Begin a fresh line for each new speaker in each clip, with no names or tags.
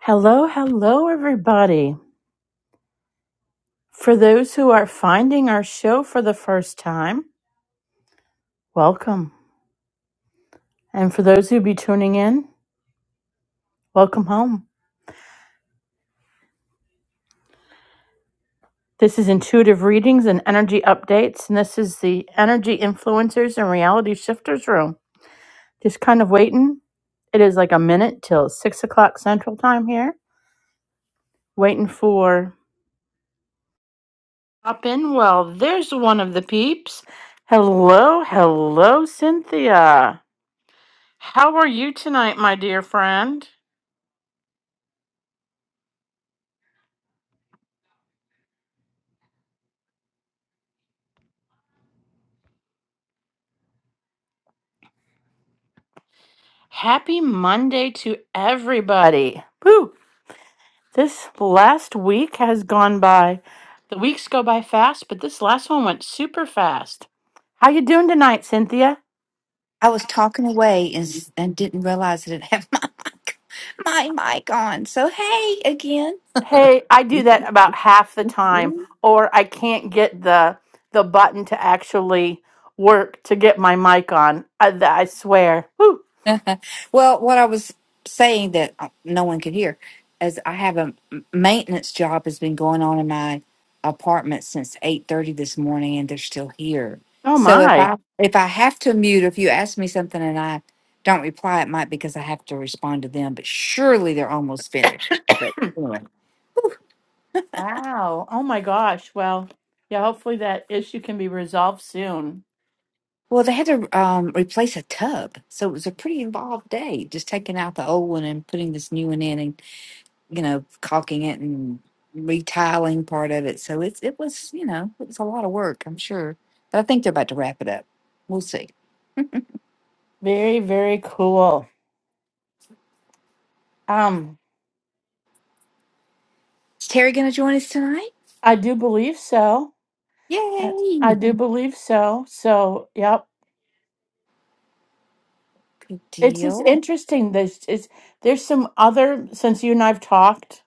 Hello, hello, everybody. For those who are finding our show for the first time, welcome. And for those who be tuning in, welcome home. This is Intuitive Readings and Energy Updates, and this is the Energy Influencers and Reality Shifters Room. Just kind of waiting. It is like a minute till six o'clock Central Time here. Waiting for up in. Well, there's one of the peeps. Hello, hello, Cynthia. How are you tonight, my dear friend? Happy Monday to everybody. Woo! This last week has gone by. The weeks go by fast, but this last one went super fast. How you doing tonight, Cynthia?
I was talking away and, s- and didn't realize I didn't have my mic, my mic on. So hey again.
Hey, I do that about half the time or I can't get the the button to actually work to get my mic on. I, I swear. Woo!
Well, what I was saying that uh, no one could hear is I have a m- maintenance job has been going on in my apartment since eight thirty this morning, and they're still here.
Oh
So if
my.
I if I have to mute, if you ask me something and I don't reply, it might be because I have to respond to them. But surely they're almost finished.
Wow. Oh my gosh. Well, yeah, hopefully that issue can be resolved soon.
Well, they had to um, replace a tub, so it was a pretty involved day. Just taking out the old one and putting this new one in, and you know, caulking it and retiling part of it. So it's it was you know it was a lot of work, I'm sure. But I think they're about to wrap it up. We'll see.
Very, very cool. Um,
Is Terry going to join us tonight?
I do believe so. I, I
Yay!
do believe so. So, yep.
Good
It's just
deal.
interesting. There's is there's some other since you and I've talked,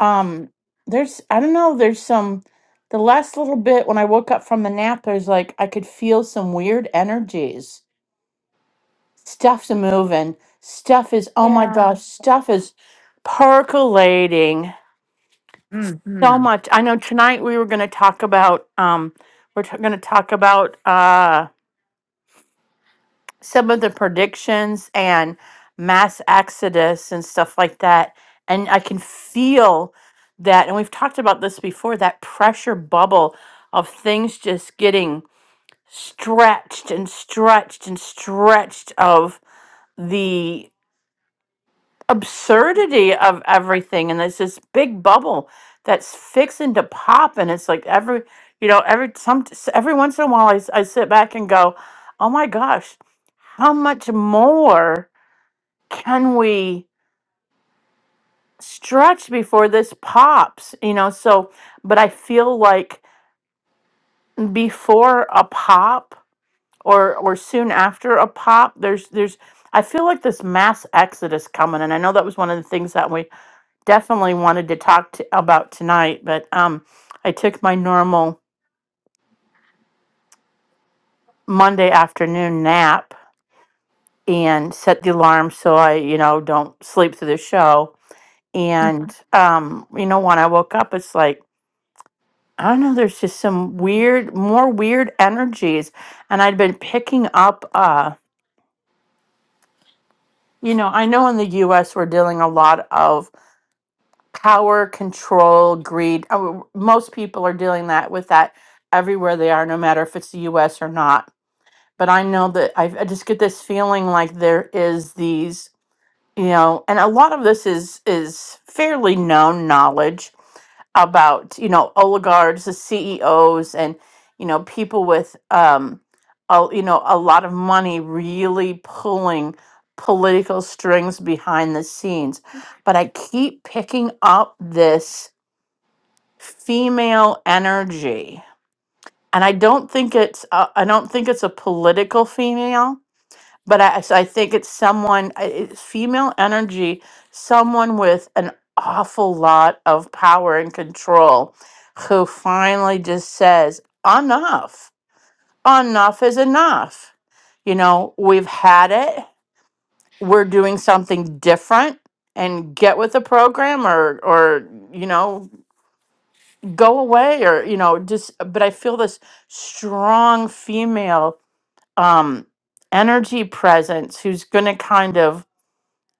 um, there's I don't know, there's some the last little bit when I woke up from the nap, there's like I could feel some weird energies Stuff's moving. Stuff is, oh my
Yeah.
gosh, stuff is percolating so
Hmm.
much. I know tonight we were going to talk about, um, we're t- going to talk about uh, some of the predictions and mass exodus and stuff like that. And I can feel that, and we've talked about this before, that pressure bubble of things just getting stretched and stretched and stretched of absurdity of everything and there's this big bubble that's fixing to pop and it's like every you know every some every once in a while I, s- I sit back and go oh my gosh how much more can we stretch before this pops you know so but i feel like before a pop or or soon after a pop there's there's i feel like this mass exodus coming and i know that was one of the things that we definitely wanted to talk to, about tonight, but um, I took my normal Monday afternoon nap and set the alarm so I, you know, don't sleep through the show. And, um, you know, when I woke up, it's like, I don't know, there's just some weird, more weird energies. And I'd been picking up, uh, you know, I know in the US we're dealing a lot of power, control, greed. Uh, Most people are dealing that with that everywhere they are, no matter if it's the US or not but I know that I, I just get this feeling like there is these, you know, and a lot of this is is fairly known knowledge about you know oligarchs, the CEOs, and you know people with um, a, you know a lot of money really pulling political strings behind the scenes, but I keep picking up this female energy. And I don't think it's I I don't think it's a political female but I, so I think it's someone, I- it's female energy, someone with an awful lot of power and control who finally just says, enough, enough is enough. You know, we've had it, we're doing something different and get with the program or or you know go away or you know just but i feel this strong female um energy presence who's going to kind of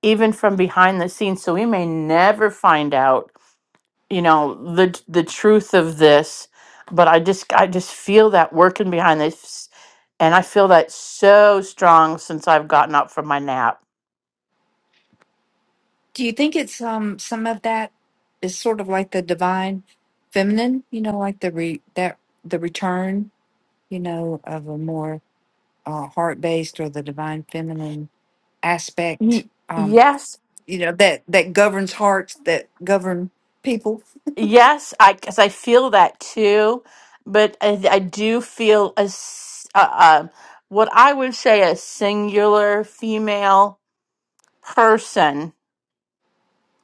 even from behind the scenes so we may never find out you know the the truth of this but i just i just feel that working behind this and i feel that so strong since i've gotten up from my nap
Do you think it's um some of that is sort of like the divine feminine? You know, like the re that the return. You know, of a more uh, heart based or the divine feminine aspect,
Ye-
um,
yes
you know, that, that governs hearts, that govern people.
yes i cuz i feel that too but i, I do feel a s- uh, uh, what i would say a singular female person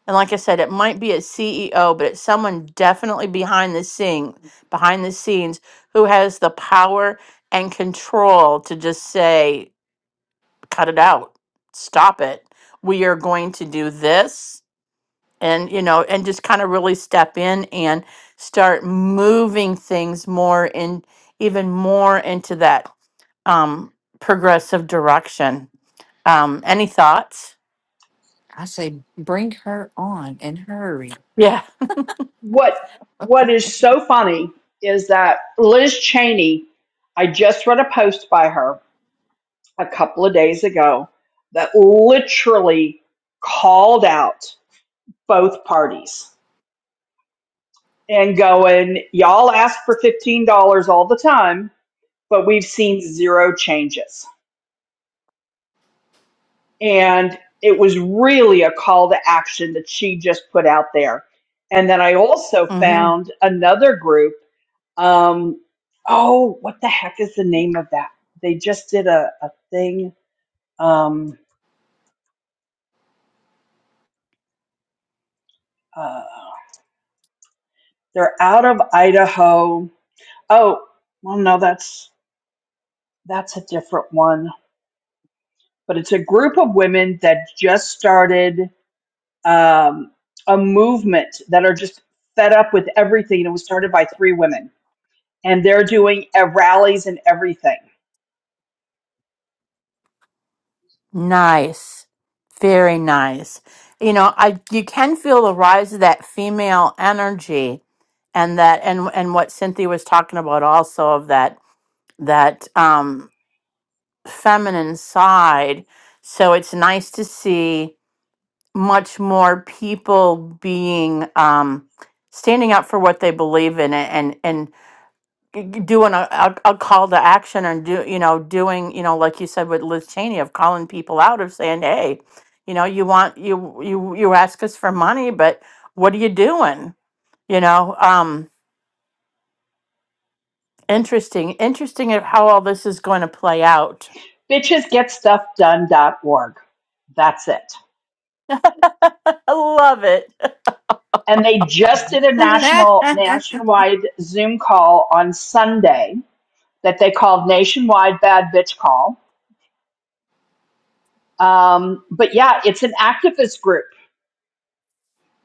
And like I said, it might be a CEO, but it's someone definitely behind the scene, behind the scenes, who has the power and control to just say, "Cut it out, stop it. We are going to do this," and you know, and just kind of really step in and start moving things more in, even more into that um, progressive direction. Um, any thoughts?
I say, bring her on and hurry.
Yeah.
what what is so funny is that Liz Cheney, I just read a post by her a couple of days ago that literally called out both parties and going, Y'all ask for fifteen dollars all the time, but we've seen zero changes. And it was really a call to action that she just put out there. And then I also found another group Um, oh, what the heck is the name of that? They just did a, a thing. Um, uh, they're out of Idaho. Oh, well, no, that's that's a different one. But it's a group of women that just started um, a movement that are just fed up with everything. And It was started by three women, and they're doing uh, rallies and everything.
Nice. Very nice. You know, I you can feel the rise of that female energy and that and and what Cynthia was talking about also of that that um feminine side. So it's nice to see much more people being um standing up for what they believe in and and, and g- g- doing a, a, a call to action and do you know doing you know like you said with Liz Cheney of calling people out of saying hey you know you want you you you ask us for money but what are you doing you know um interesting interesting at how all this is going to play out
Bitchesgetstuffdone.org. That's it.
I love it
and they just did a national
I
nationwide Zoom call on Sunday that they called Nationwide Bad Bitch Call. Um, but yeah, it's an activist group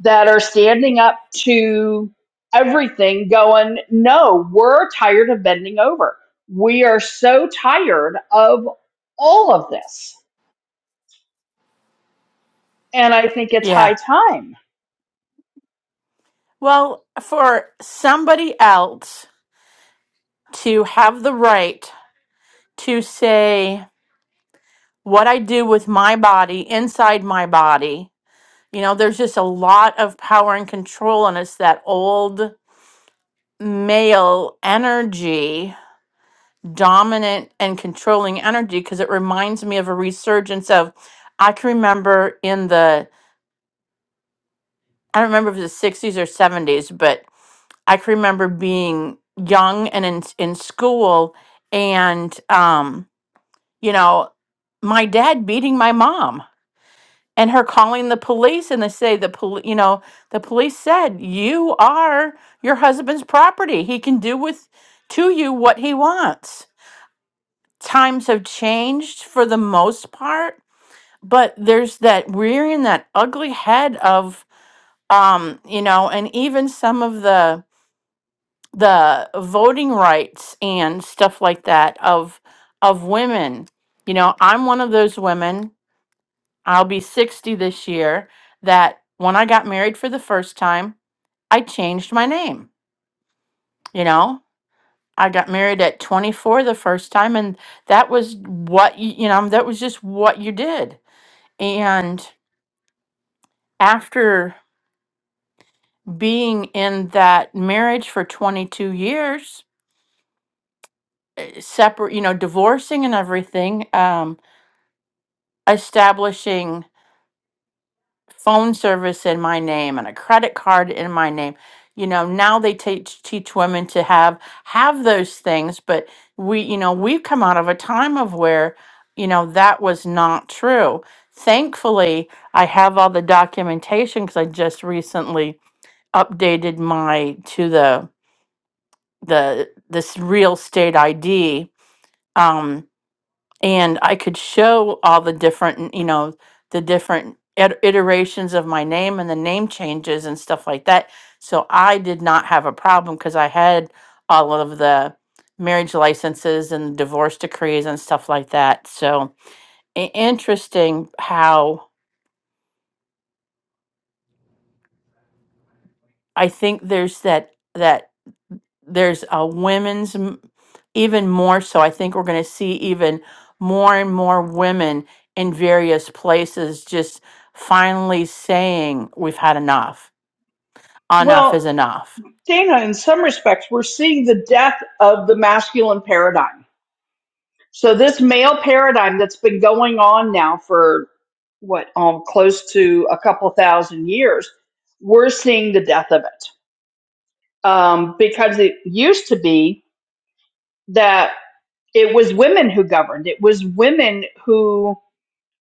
that are standing up to everything, going, no, we're tired of bending over. We are so tired of all of this, and I think it's high
yeah
time.
well for somebody else to have the right to say what I do with my body inside my body You know, there's just a lot of power and control, and it's that old male energy, dominant and controlling energy, because it reminds me of a resurgence of, I can remember in the, I don't remember if it was the 60s or 70s, but I can remember being young and in, in school, and, um, you know, my dad beating my mom and her calling the police and they say the pol- you know the police said you are your husband's property he can do with to you what he wants times have changed for the most part but there's that rearing that ugly head of um you know and even some of the the voting rights and stuff like that of of women you know i'm one of those women I'll be 60 this year that when I got married for the first time, I changed my name. You know, I got married at 24 the first time and that was what you, you know, that was just what you did. And after being in that marriage for 22 years, separate, you know, divorcing and everything, um, establishing phone service in my name and a credit card in my name. You know, now they teach teach women to have have those things, but we, you know, we've come out of a time of where, you know, that was not true. Thankfully, I have all the documentation because I just recently updated my to the the this real state ID. Um, and I could show all the different, you know, the different it- iterations of my name and the name changes and stuff like that. So I did not have a problem because I had all of the marriage licenses and divorce decrees and stuff like that. So i- interesting how I think there's that that. there's a women's m- even more so i think we're going to see even more and more women in various places just finally saying we've had enough enough
Well,
is enough
Dana, in some respects, we're seeing the death of the masculine paradigm So this male paradigm that's been going on now for what, um, close to a couple thousand years, we're seeing the death of it um, because it used to be that it was women who governed. It was women who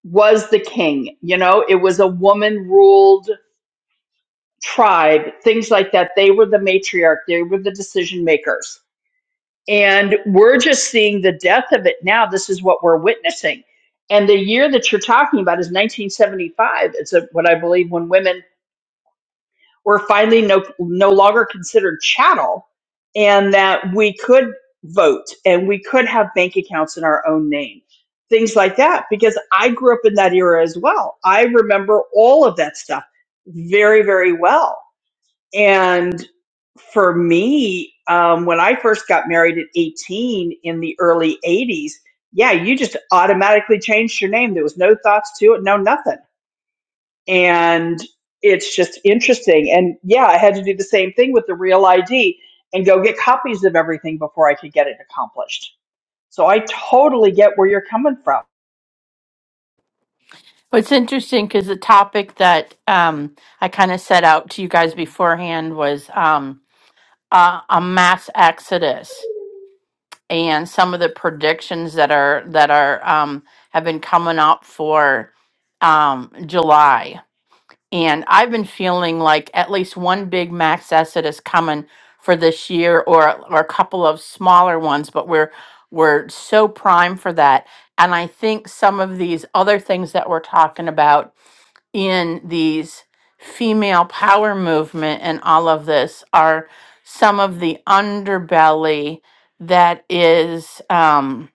was the king. You know, it was a woman ruled tribe, things like that. They were the matriarch. They were the decision makers And we're just seeing the death of it now. This is what we're witnessing. And the year that you're talking about is 1975. It's a, what I believe when women were finally no, no longer considered chattel and that we could vote and we could have bank accounts in our own name, things like that. Because I grew up in that era as well. I remember all of that stuff very, very well and for me, um, when I first got married at 18 in the early 80s, yeah, you just automatically changed your name. There was no thoughts to it, no nothing. And it's just interesting. And yeah, I had to do the same thing with the real ID and go get copies of everything before I could get it accomplished. So I totally get where you're coming from.
Well, it's interesting because the topic that um, i kind of set out to you guys beforehand was um, uh, a mass exodus and some of the predictions that are that are um, have been coming up for um, july And I've been feeling like at least one big max asset is coming for this year or or a couple of smaller ones, but we're we're so primed for that. And I think some of these other things that we're talking about in these female power movement and all of this are some of the underbelly that is um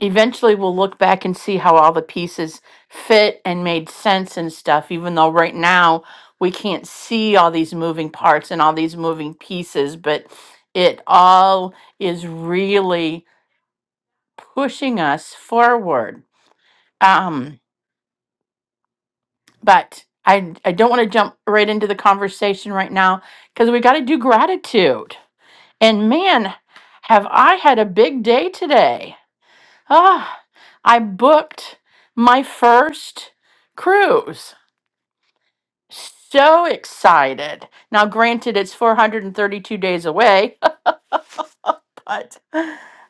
eventually we'll look back and see how all the pieces fit and made sense and stuff even though right now we can't see all these moving parts and all these moving pieces but it all is really pushing us forward um but i i don't want to jump right into the conversation right now because we got to do gratitude and man have i had a big day today Ah, I booked my first cruise. So excited. Now, granted, it's 432 days away, but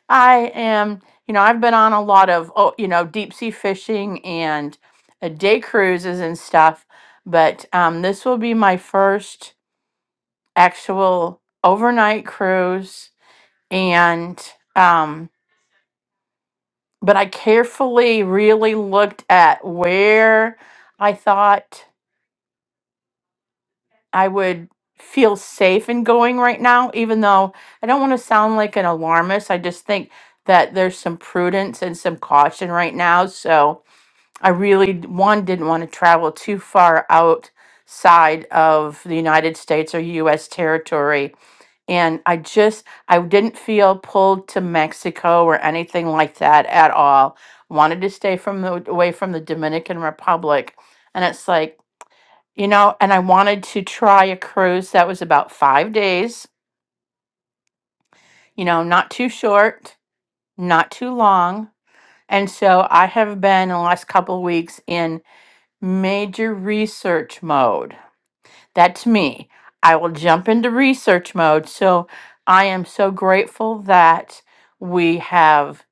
I am, you know, I've been on a lot of, oh, you know, deep sea fishing and uh, day cruises and stuff, but um, this will be my first actual overnight cruise. And, um, but I carefully really looked at where I thought I would feel safe in going right now, even though I don't want to sound like an alarmist. I just think that there's some prudence and some caution right now. So I really, d- one, didn't want to travel too far outside of the United States or US territory and I just, I didn't feel pulled to Mexico or anything like that at all. Wanted to stay from the, away from the Dominican Republic. And it's like, you know, and I wanted to try a cruise that was about five days, you know, not too short, not too long. And so I have been in the last couple of weeks in major research mode That's me. I will jump into research mode. So I am so grateful that we have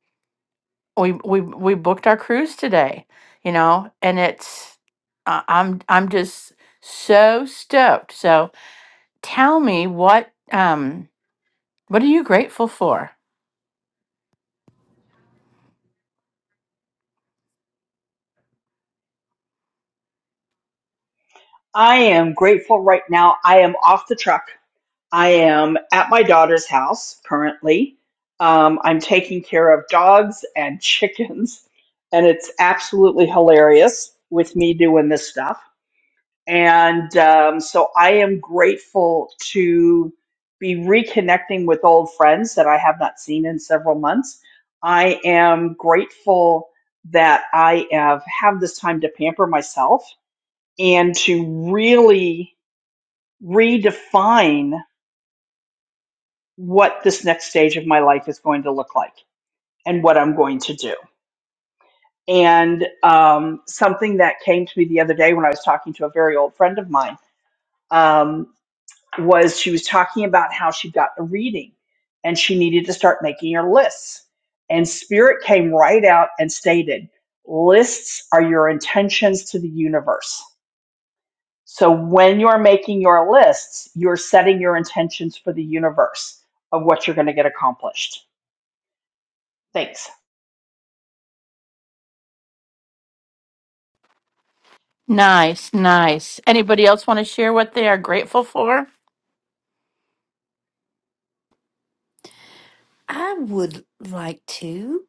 we we we booked our cruise today. You know, and it's uh, I'm I'm just so stoked. So tell me what um what are you grateful for?
I am grateful right now. I am off the truck. I am at my daughter's house currently. Um, I'm taking care of dogs and chickens, and it's absolutely hilarious with me doing this stuff. And um, so I am grateful to be reconnecting with old friends that I have not seen in several months. I am grateful that I have have this time to pamper myself and to really redefine what this next stage of my life is going to look like and what I'm going to do. And um, something that came to me the other day when I was talking to a very old friend of mine um, was she was talking about how she got a reading and she needed to start making her lists. And Spirit came right out and stated, Lists are your intentions to the universe. So when you're making your lists, you're setting your intentions for the universe of what you're going to get accomplished. Thanks.
Nice, nice. Anybody else want to share what they are grateful for?
would like to.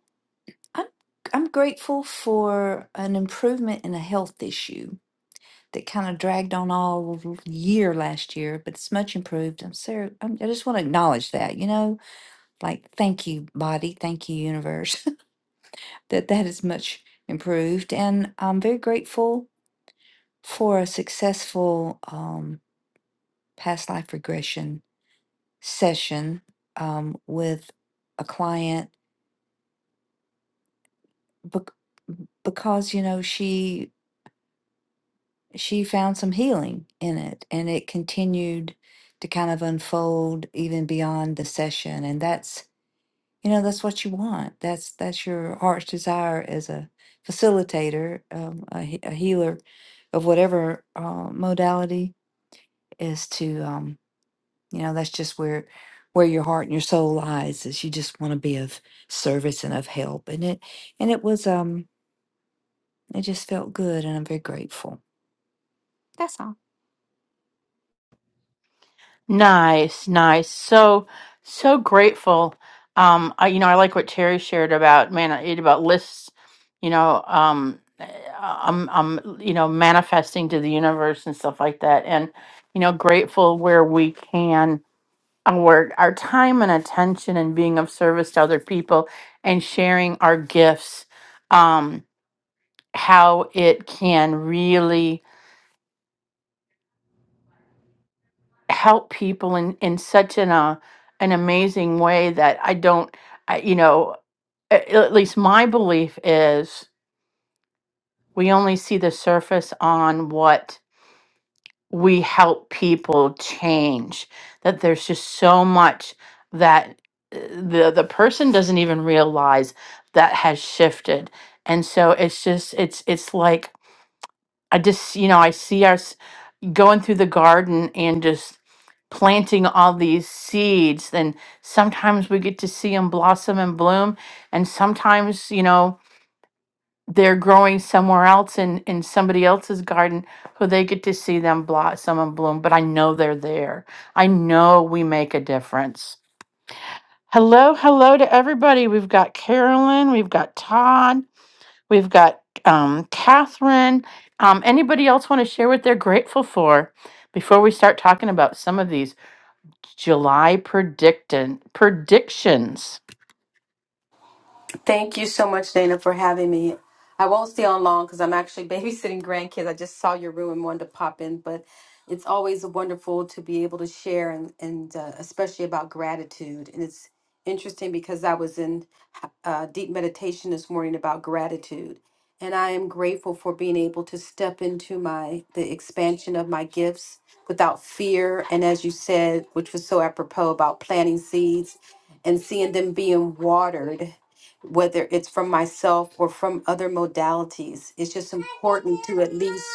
I'm I'm grateful for an improvement in a health issue that kind of dragged on all year last year, but it's much improved. I'm ser- I'm, I just want to acknowledge that, you know, like thank you, body, thank you, universe. that that is much improved. And I'm very grateful for a successful um, past life regression session um, with a client bec- because you know she she found some healing in it, and it continued to kind of unfold even beyond the session. And that's you know that's what you want. That's that's your heart's desire as a facilitator, um, a, he- a healer of whatever uh, modality is to um you know that's just where where your heart and your soul lies is you just want to be of service and of help and it and it was um it just felt good and i'm very grateful
Nice, nice. So, so grateful. Um, I, you know, I like what Terry shared about man, it about lists. You know, um, eh, I'm, I'm, you know, manifesting to the universe and stuff like that, and you know, grateful where we can uh, work our time and attention and being of service to other people and sharing our gifts. Um, how it can really help people in in such an uh, an amazing way that I don't I, you know at, at least my belief is we only see the surface on what we help people change that there's just so much that uh, the the person doesn't even realize that has shifted and so it's just it's it's like I just you know I see us going through the garden and just planting all these seeds and sometimes we get to see them blossom and bloom and sometimes you know they're growing somewhere else in in somebody else's garden who they get to see them blossom and bloom but i know they're there i know we make a difference hello hello to everybody we've got carolyn we've got todd We've got um, Catherine. Um, anybody else want to share what they're grateful for before we start talking about some of these July predictin predictions?
Thank you so much, Dana, for having me. I won't stay on long because I'm actually babysitting grandkids. I just saw your room and wanted to pop in, but it's always wonderful to be able to share and, and uh, especially about gratitude. And it's interesting because I was in uh, deep meditation this morning about gratitude. And I am grateful for being able to step into my the expansion of my gifts without fear. And as you said, which was so apropos about planting seeds and seeing them being watered whether it's from myself or from other modalities. It's just important to at least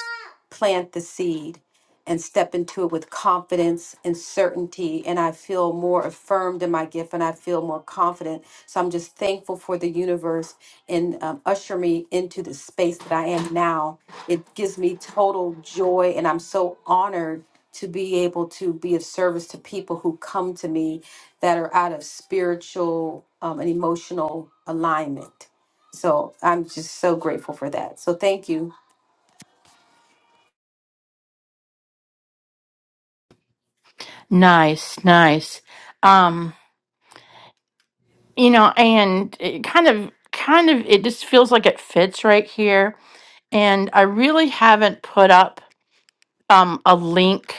plant the seed and step into it with confidence and certainty. And I feel more affirmed in my gift and I feel more confident. So I'm just thankful for the universe and um, usher me into the space that I am now. It gives me total joy and I'm so honored to be able to be of service to people who come to me that are out of spiritual um, and emotional alignment. So I'm just so grateful for that. So thank you
Nice, nice. Um, you know, and it kind of, kind of, it just feels like it fits right here. And I really haven't put up um, a link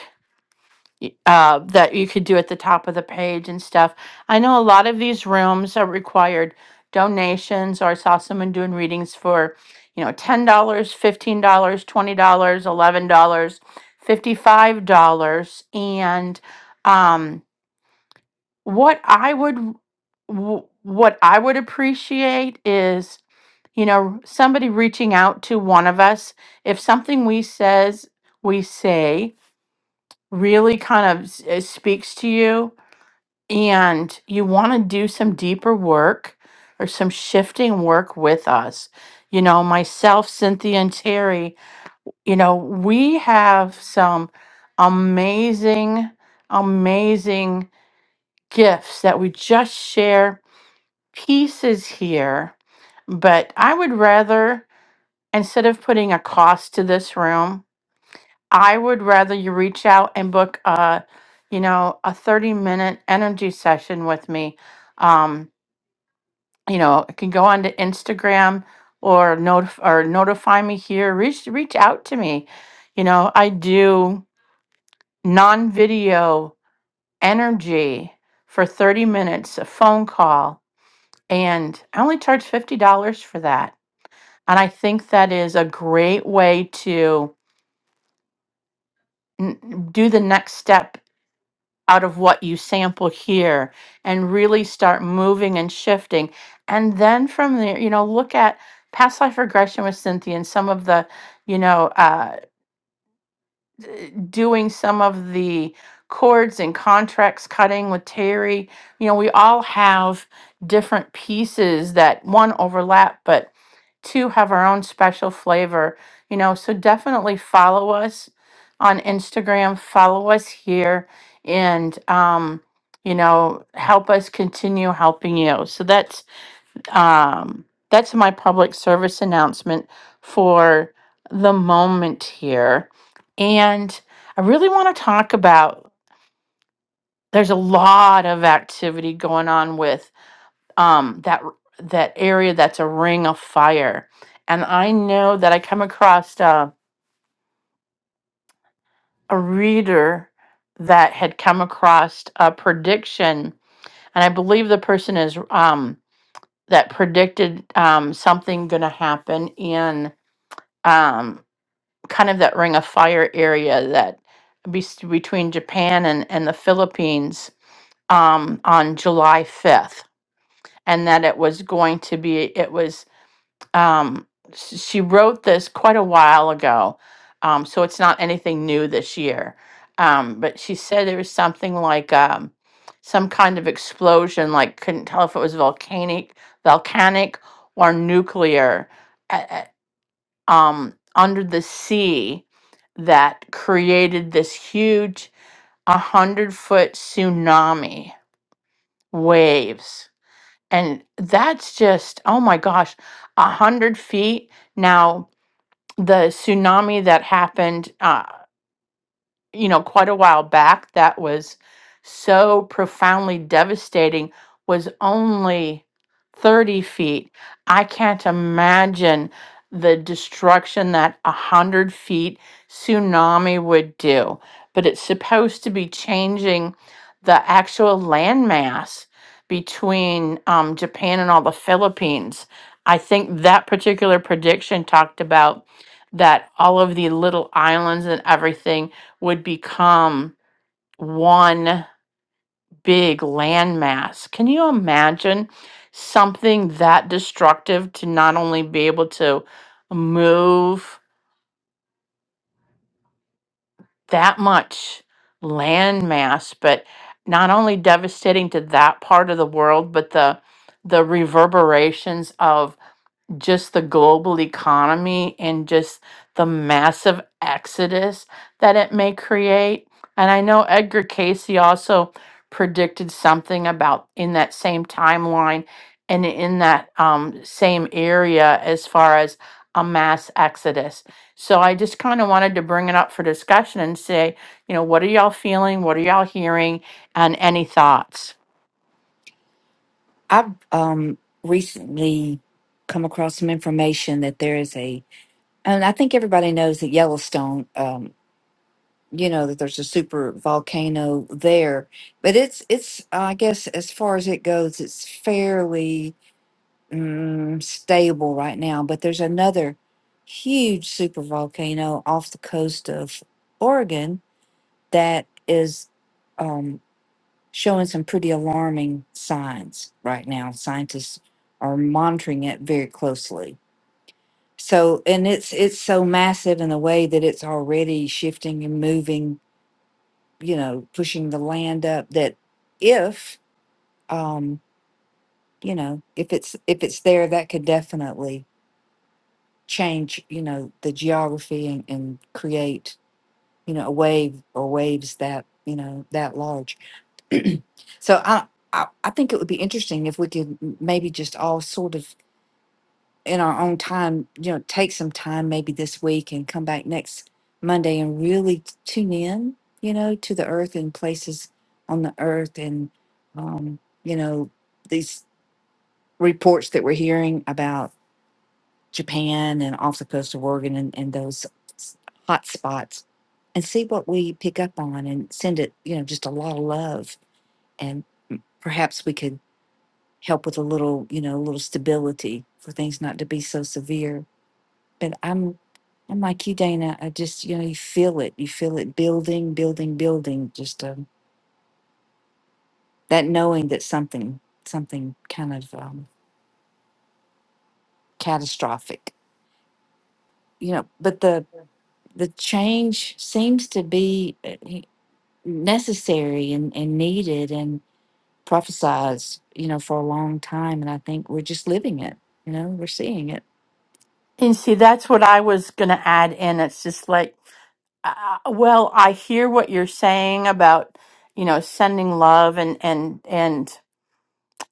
y- uh, that you could do at the top of the page and stuff. I know a lot of these rooms are required donations, or I saw someone doing readings for, you know, ten dollars, fifteen dollars, twenty dollars, eleven dollars, fifty-five dollars, and um, what I would w- what I would appreciate is you know somebody reaching out to one of us if something we says we say really kind of s- uh, speaks to you and you want to do some deeper work or some shifting work with us, you know, myself, Cynthia, and Terry, you know, we have some amazing, amazing gifts that we just share pieces here. But I would rather, instead of putting a cost to this room, I would rather you reach out and book a, you know, a 30 minute energy session with me. Um, you know, can go on to Instagram or notif- or notify me here. Reach reach out to me. You know, I do non-video energy for 30 minutes, a phone call, and I only charge $50 for that. And I think that is a great way to n- do the next step out of what you sample here and really start moving and shifting. And then from there, you know, look at past life regression with Cynthia and some of the, you know, uh, d- doing some of the chords and contracts cutting with Terry. You know, we all have different pieces that one overlap, but two have our own special flavor, you know. So definitely follow us on Instagram, follow us here, and, um, you know, help us continue helping you. So that's um, that's my public service announcement for the moment here. And I really want to talk about there's a lot of activity going on with um, that that area that's a ring of fire. And I know that I come across a, a reader that had come across a prediction, and I believe the person is um, that predicted um, something going to happen in um, kind of that ring of fire area that be- between Japan and, and the Philippines um, on July 5th, and that it was going to be, it was, um, s- she wrote this quite a while ago, um, so it's not anything new this year. Um, but she said there was something like um, some kind of explosion, like couldn't tell if it was volcanic, volcanic or nuclear um, under the sea that created this huge 100 foot tsunami waves. And that's just, oh my gosh, 100 feet. Now, the tsunami that happened uh, you know, quite a while back that was so profoundly devastating was only 30 feet. I can't imagine the destruction that a 100 feet tsunami would do. But it's supposed to be changing the actual landmass between um, Japan and all the Philippines. I think that particular prediction talked about that all of the little islands and everything would become one big landmass. Can you imagine something that destructive to not only be able to move that much landmass, but not only devastating to that part of the world, but the the reverberations of. just the global economy and just the massive exodus that it may create. And I know Edgar Casey also predicted something about in that same timeline and in that um, same area as far as a mass exodus. So I just kind of wanted to bring it up for discussion and say, you know, what are y'all feeling? What are y'all hearing? And any thoughts?
i've um recently come across some information that there is a and i think everybody knows that yellowstone um you know that there's a super volcano there but it's it's uh, i guess as far as it goes it's fairly mm, stable right now, but there's another huge supervolcano off the coast of Oregon that is um, showing some pretty alarming signs right now. Scientists are monitoring it very closely. So, and it's it's so massive in the way that it's already shifting and moving, you know, pushing the land up. That if um, you know, if it's if it's there, that could definitely change, you know, the geography and, and create, you know, a wave or waves that, you know, that large. so I, I I think it would be interesting if we could m- maybe just all sort of in our own time, you know, take some time maybe this week and come back next Monday and really t- tune in, you know, to the earth and places on the earth and um, you know, these reports that we're hearing about Japan and off the coast of Oregon and, and those s- hot spots and see what we pick up on and send it, you know, just a lot of love. And perhaps we could help with a little, you know, a little stability for things not to be so severe. But I'm, I'm like you, Dana. I just, you know, you feel it. You feel it building, building, building. Just um, that knowing that something, something kind of um, catastrophic, you know. But the the change seems to be. necessary and, and needed and prophesized, you know, for a long time. And I think we're just living it, you know, we're seeing it.
And see, that's what I was going to add in. It's just like, Uh, well, I hear what you're saying about, you know, sending love and and and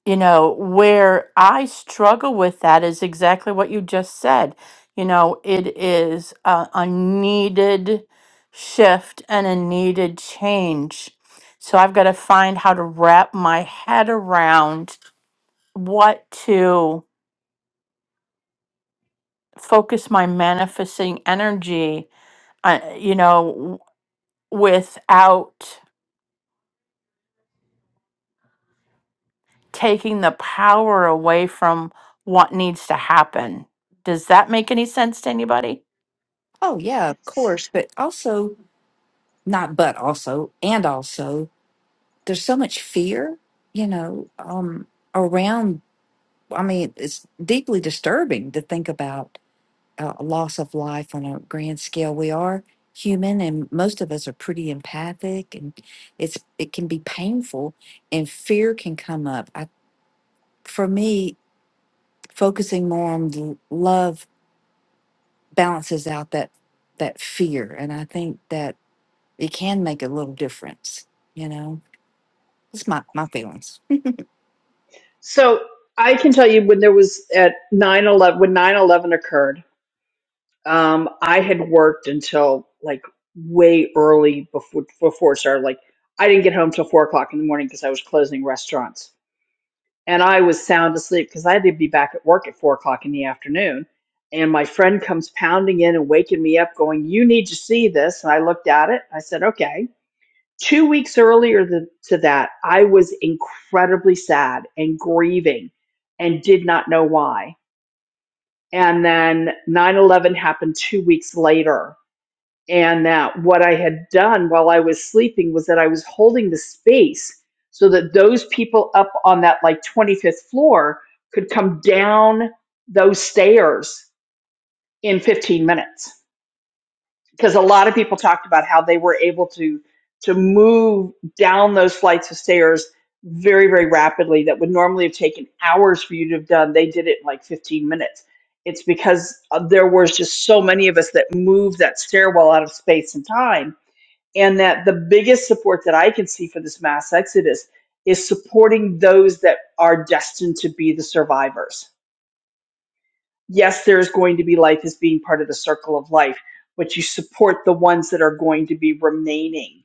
you know, where I struggle with that is exactly what you just said. You know, it is a, a needed shift and a needed change. So I've got to find how to wrap my head around what to focus my manifesting energy, uh, you know, w- without taking the power away from what needs to happen. Does that make any sense to anybody?
Oh, yeah, of course. But also, not but also, and also, there's so much fear, you know, um, around. I mean, it's deeply disturbing to think about uh, a loss of life on a grand scale. We are human and most of us are pretty empathic and it's it can be painful and fear can come up. I. for me, focusing more on the love balances out that that fear, and I think that it can make a little difference. You know, it's my my feelings.
So I can tell you when there was at nine eleven when nine eleven occurred, um, I had worked until like way early before, before it started. Like I didn't get home till four o'clock in the morning because I was closing restaurants and I was sound asleep because I had to be back at work at four o'clock in the afternoon. And my friend comes pounding in and waking me up going, you need to see this. And I looked at it. I said, okay two weeks earlier th- to that, I was incredibly sad and grieving and did not know why. And then 9 11 happened two weeks later. And that what I had done while I was sleeping was that I was holding the space so that those people up on that like 25th floor could come down those stairs in 15 minutes because a lot of people talked about how they were able to to move down those flights of stairs very very rapidly that would normally have taken hours for you to have done they did it in like 15 minutes it's because uh, there was just so many of us that moved that stairwell out of space and time and that the biggest support that i can see for this mass exodus is supporting those that are destined to be the survivors yes, there is going to be life as being part of the circle of life, but you support the ones that are going to be remaining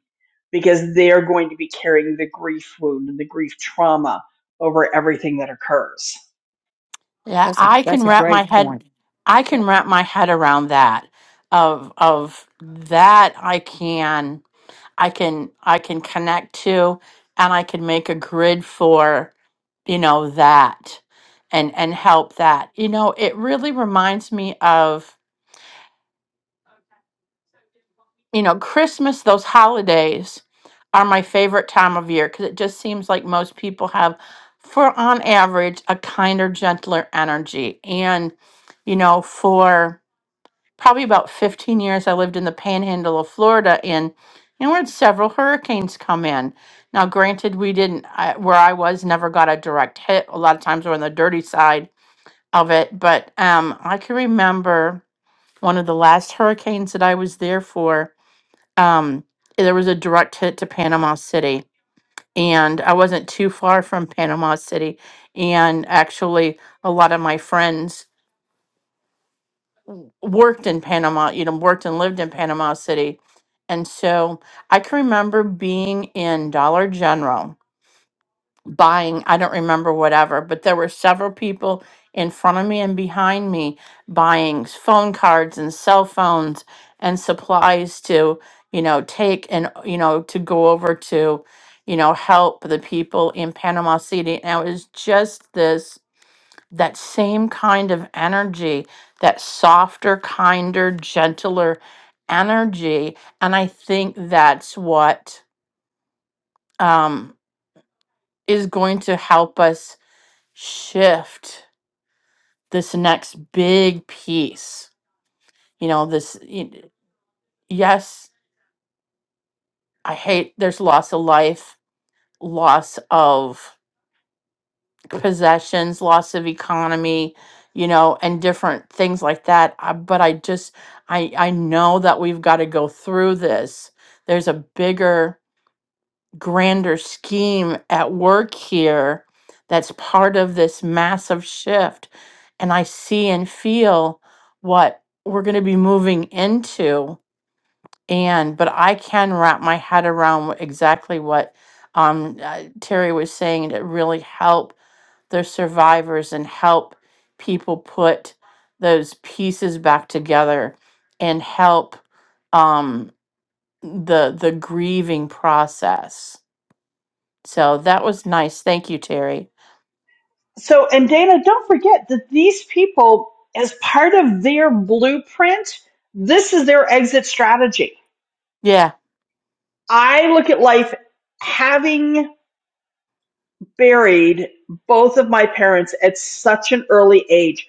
because they are going to be carrying the grief wound and the grief trauma over everything that occurs.
Yeah,
That's a
I can
that's a
wrap my
great point.
head I
Yeah.
can wrap my head around that of of that I can I can I can connect to and I can make a grid for you know that and and help that. You know, it really reminds me of you know Christmas those holidays are my favorite time of year cuz it just seems like most people have for on average a kinder gentler energy and you know for probably about 15 years I lived in the panhandle of Florida and you know, we had several hurricanes come in. Now, granted, we didn't, I, where I was, never got a direct hit. A lot of times we're on the dirty side of it. But um, I can remember one of the last hurricanes that I was there for. Um, there was a direct hit to Panama City. And I wasn't too far from Panama City. And actually, a lot of my friends worked in Panama, you know, worked and lived in Panama City. And so I can remember being in Dollar General buying, I don't remember whatever, but there were several people in front of me and behind me buying phone cards and cell phones and supplies to, you know, take and, you know, to go over to, you know, help the people in Panama City. And it was just this that same kind of energy, that softer, kinder, gentler energy. And I think that's what um, is going to help us shift this next big piece. You know, this, y- yes, I hate there's loss of life, loss of. possessions, loss of economy, you know, and different things like that. I, but I just, I, I know that we've got to go through this. There's a bigger, grander scheme at work here that's part of this massive shift. And I see and feel what we're going to be moving into. And, but I can wrap my head around exactly what um, uh, Terry was saying to really help the survivors and help people put those pieces back together and help um, the the grieving process. So that was nice. Thank you, Terry.
So, and Dana, don't forget that these people, as part of their blueprint, this is their exit strategy.
Yeah,
I look at life having buried both of my parents at such an early age.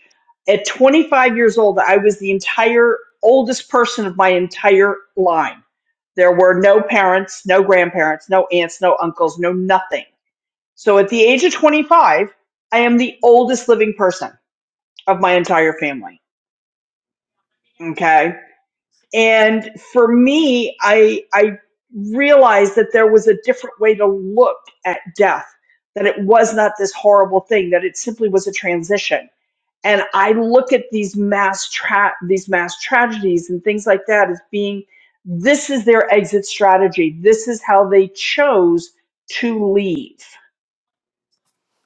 At 25 years old, I was the entire oldest person of my entire line. There were no parents, no grandparents, no aunts, no uncles, no nothing. So at the age of 25, I am the oldest living person of my entire family. Okay and for me i i realized that there was a different way to look at death that it was not this horrible thing that it simply was a transition and i look at these mass tra- these mass tragedies and things like that as being this is their exit strategy this is how they chose to leave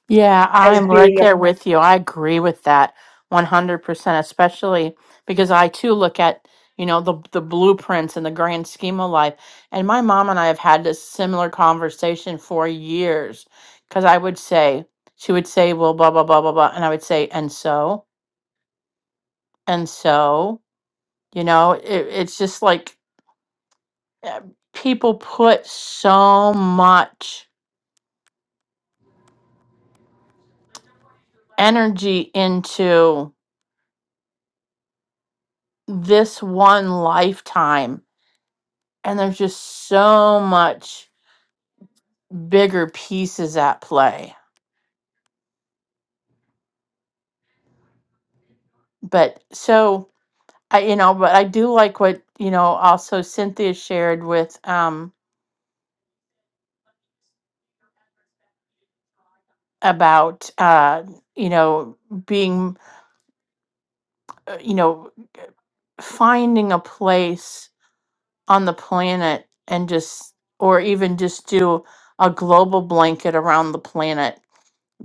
Yeah,
as
I'm right
being a
there with you. I agree with that 100%, especially because I too look at, you know, the the blueprints and the grand scheme of life. And my mom and I have had this similar conversation for years because I would say, she would say, well, blah, blah, blah, blah, blah. And I would say, and so, and so, you know, it, it's just like uh, people put so much energy into this one lifetime and there's just so much bigger pieces at play. But so I, you know, but I do like what you know. Also, Cynthia shared with um about uh you know being uh, you know finding a place on the planet and just or even just do a global blanket around the planet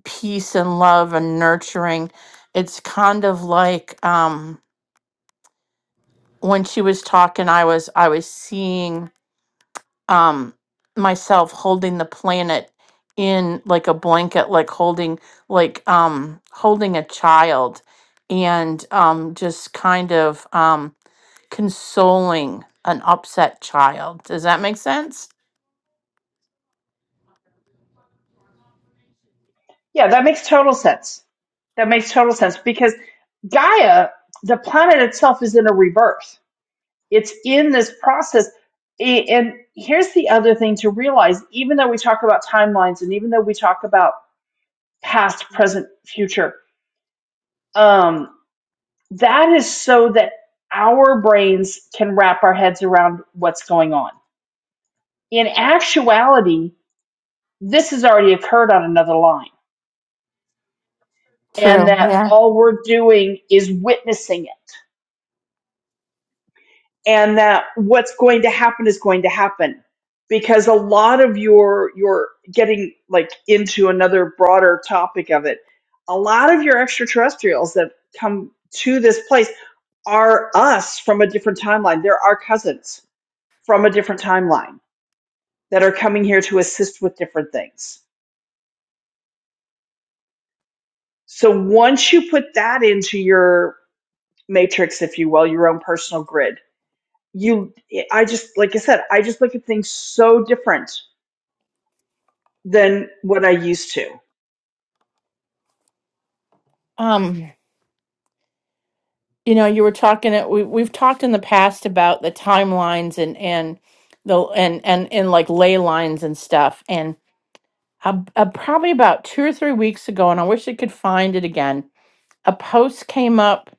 peace and love and nurturing it's kind of like um. when she was talking i was i was seeing um myself holding the planet in like a blanket like holding like um holding a child and um just kind of um consoling an upset child does that make sense
yeah that makes total sense that makes total sense because gaia the planet itself is in a rebirth It's in this process. A- And here's the other thing to realize even though we talk about timelines and even though we talk about past, present, future, um, that is so that our brains can wrap our heads around what's going on. In actuality, this has already occurred on another line, and
True.
that
Yeah.
all we're doing is witnessing it and that what's going to happen is going to happen because a lot of your your getting like into another broader topic of it a lot of your extraterrestrials that come to this place are us from a different timeline they're our cousins from a different timeline that are coming here to assist with different things so once you put that into your matrix if you will your own personal grid you i just like i said i just look at things so different than what I used to.
um you know you were talking uh, we, we've talked in the past about the timelines and and the and and and like ley lines and stuff and. a, a- probably about two or three weeks ago, and I wish I could find it again. A post came up,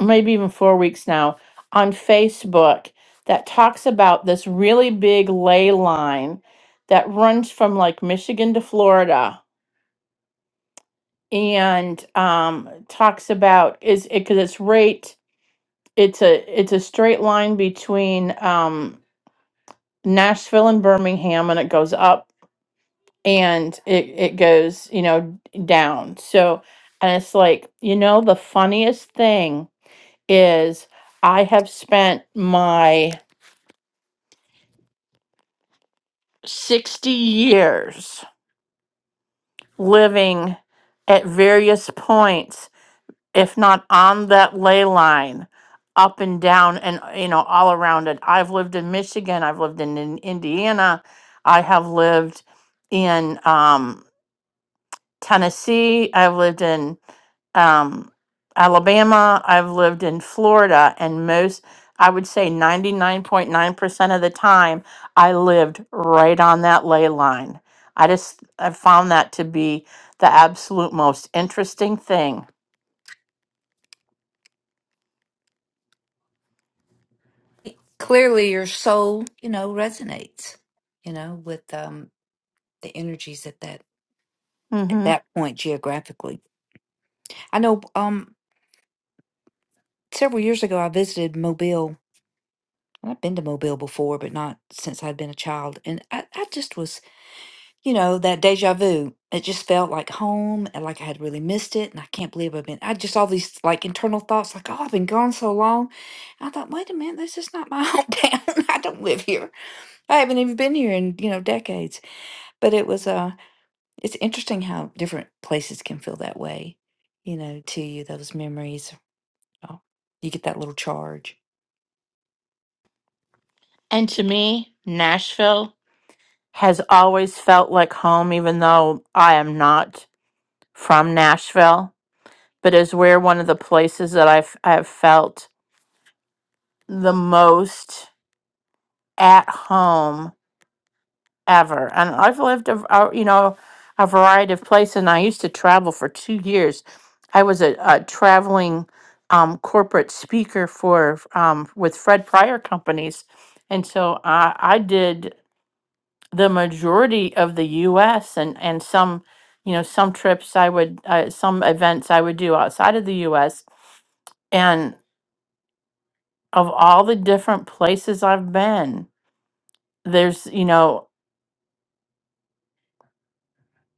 maybe even four weeks now, on Facebook that talks about this really big ley line that runs from like Michigan to Florida, and um, talks about is it because it's right. It's a it's a straight line between um, Nashville and Birmingham, and it goes up and it it goes you know down so and it's like you know the funniest thing is i have spent my 60 years living at various points if not on that ley line up and down and you know all around it i've lived in michigan i've lived in, in indiana i have lived in um, tennessee i've lived in um, Alabama. I've lived in Florida, and most, I would say 99.9% of the time, I lived right on that ley line. I just, I found that to be the absolute most interesting thing.
Clearly, your soul, you know, resonates, you know, with um, the energies at that at
hmm
that point geographically. I know um, several years ago I visited Mobile And I've been to Mobile before, but not since I'd been a child. And I, I just was, you know, that deja vu. It just felt like home and like I had really missed it. And I can't believe I've been, I just all these like internal thoughts like, oh, I've been gone so long. And I thought, wait a minute, this is not my hometown. I don't live here. I haven't even been here in, you know, decades. But it was, uh, it's interesting how different places can feel that way, you know, to you, those memories. Oh, you get that little charge.
And to me, Nashville has always felt like home, even though I am not from Nashville, but is where one of the places that I've, I've felt the most at home ever. And I've lived, a, a- you know, a variety of places. And I used to travel for two years. I was a, a traveling um, corporate speaker for um, with Fred Pryor companies, and so I, I did the majority of the U.S. and and some, you know, some trips I would, uh, some events I would do outside of the U.S. And of all the different places I've been, there's, you know,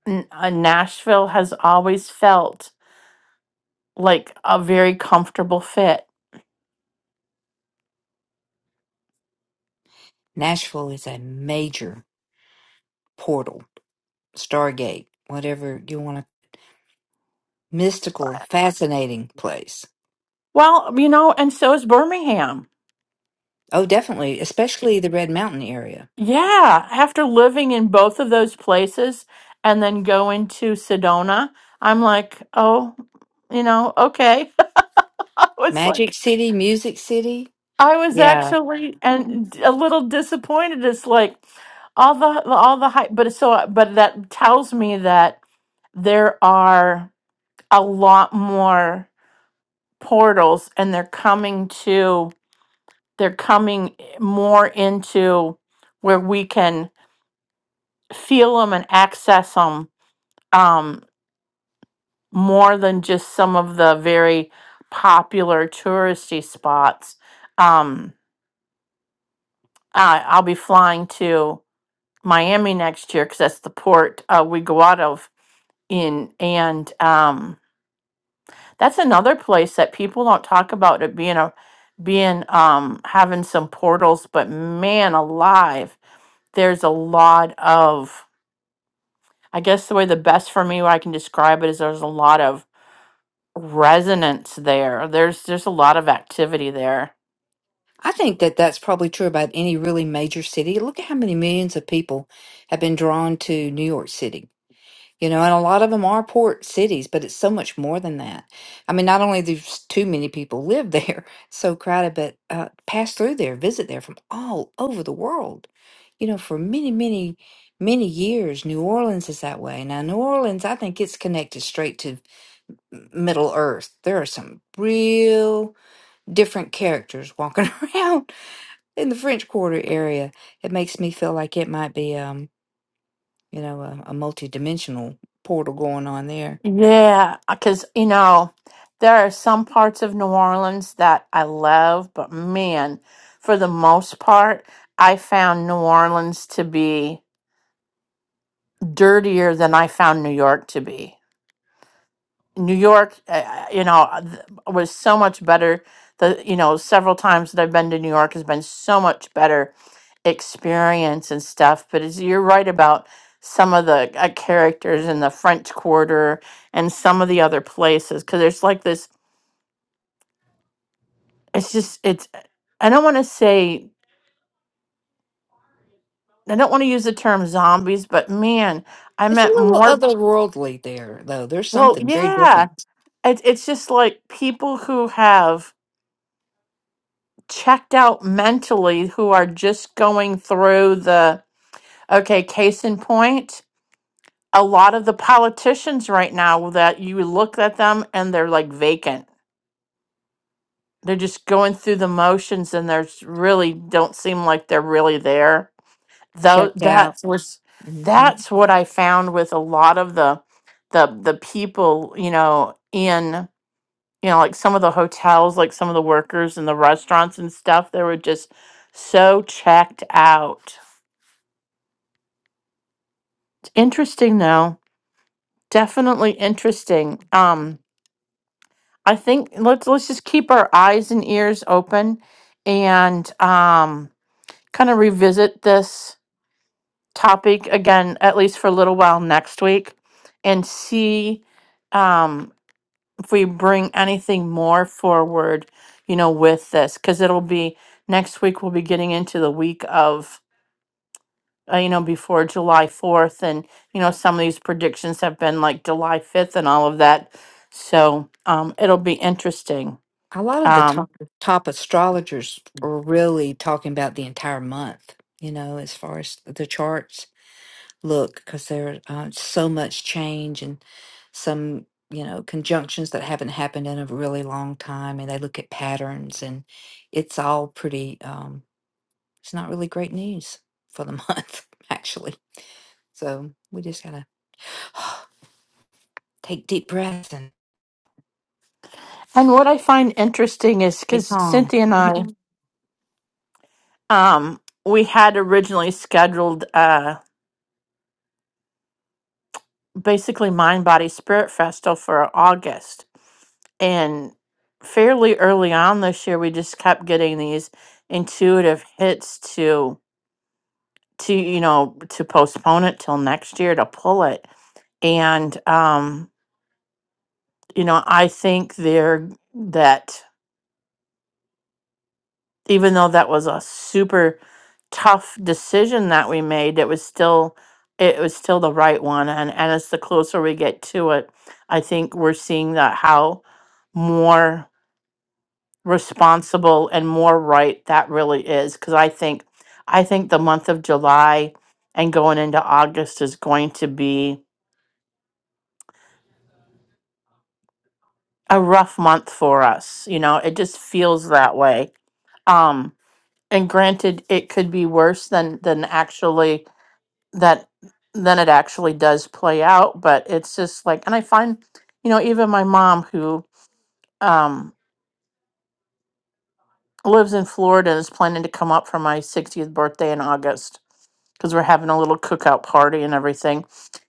N- uh, Nashville has always felt. like a very comfortable fit.
Nashville is a major portal Stargate, whatever you want to, mystical,
Right.
fascinating place.
Well, you know, and so is Birmingham.
Oh, definitely, especially the Red Mountain area.
Yeah, after living in both of those places and then going to Sedona, I'm like, oh, you know, okay. I was
Magic
like,
City, Music City.
I was
Yeah.
actually and a little disappointed. It's like all the all the hype, but so but that tells me that there are a lot more portals and they're coming to they're coming more into where we can feel them and access them um, more than just some of the very popular touristy spots. Um, I, I'll be flying to Miami next year because that's the port uh, we go out of in, and um, that's another place that people don't talk about it being a being um having some portals but man alive there's a lot of I guess the way the best for me where I can describe it is there's a lot of resonance there. There's there's a lot of activity there.
I think that that's probably true about any really major city. Look at how many millions of people have been drawn to New York City. You know, and a lot of them are port cities, but it's so much more than that. I mean, not only there's too many people live there, so crowded, but uh, pass through there, visit there from all over the world. You know, for many, many, many years, New Orleans is that way. Now, New Orleans, I think it's connected straight to M- Middle Earth. There are some real different characters walking around in the French Quarter area. It makes me feel like it might be, um, you know, a, a multi-dimensional portal going on there.
Yeah, because you know there are some parts of New Orleans that I love, but man, for the most part, I found New Orleans to be dirtier than I found New York to be. New York, uh, uh, you know, uh, th- was so much better. The you know several times that I've been to New York has been so much better experience and stuff but it's, you're right about some of the uh, characters in the french quarter and some of the other places because there's like this it's just it's i don't want to say i don't want to use the term zombies but man i
It's a
meant
little
more
otherworldly there, though. There's
well
something very
yeah
different.
it, it's just like people who have checked out mentally who are just going through the okay case in point a lot of the politicians right now that you look at them and they're like vacant. They're just going through the motions and there's really don't seem like they're really there. Though
Checked out.
that's was
hmm
that's what I found with a lot of the the the people, you know, in you know, like some of the hotels, like some of the workers and the restaurants and stuff, they were just so checked out. interesting though. Definitely interesting. Um I think let's let's just keep our eyes and ears open and um kind of revisit this topic again at least for a little while next week and see um if we bring anything more forward, you know, with this cuz it'll be next week we'll be getting into the week of uh, you know before July 4th and you know some of these predictions have been like July 5th and all of that. So, um it'll be interesting.
A lot of the
Um,
top top astrologers are really talking about the entire month. You know, as far as the charts look, because there's uh, so much change and some you know conjunctions that haven't happened in a really long time, and they look at patterns, and it's all pretty. Um, it's not really great news for the month, actually. So we just gotta take deep breaths and.
And what I find interesting is
Stay
because
calm.
Cynthia and I, um, we had originally scheduled uh, basically Mind Body Spirit Festival for August. And fairly early on this year, we just kept getting these intuitive hits to, to you know, to postpone it till next year to pull it. And, um, you know, I think there that even though that was a super tough decision that we made, it was still it was still the right one. And and as the closer we get to it, I think we're seeing that how more responsible and more right that really is. Because I think I think the month of July and going into August is going to be a rough month for us. You know, it just feels that way. Um, and granted, it could be worse than than actually that then it actually does play out but it's just like and i find you know even my mom who um lives in florida and is planning to come up for my 60th birthday in august because we're having a little cookout party and everything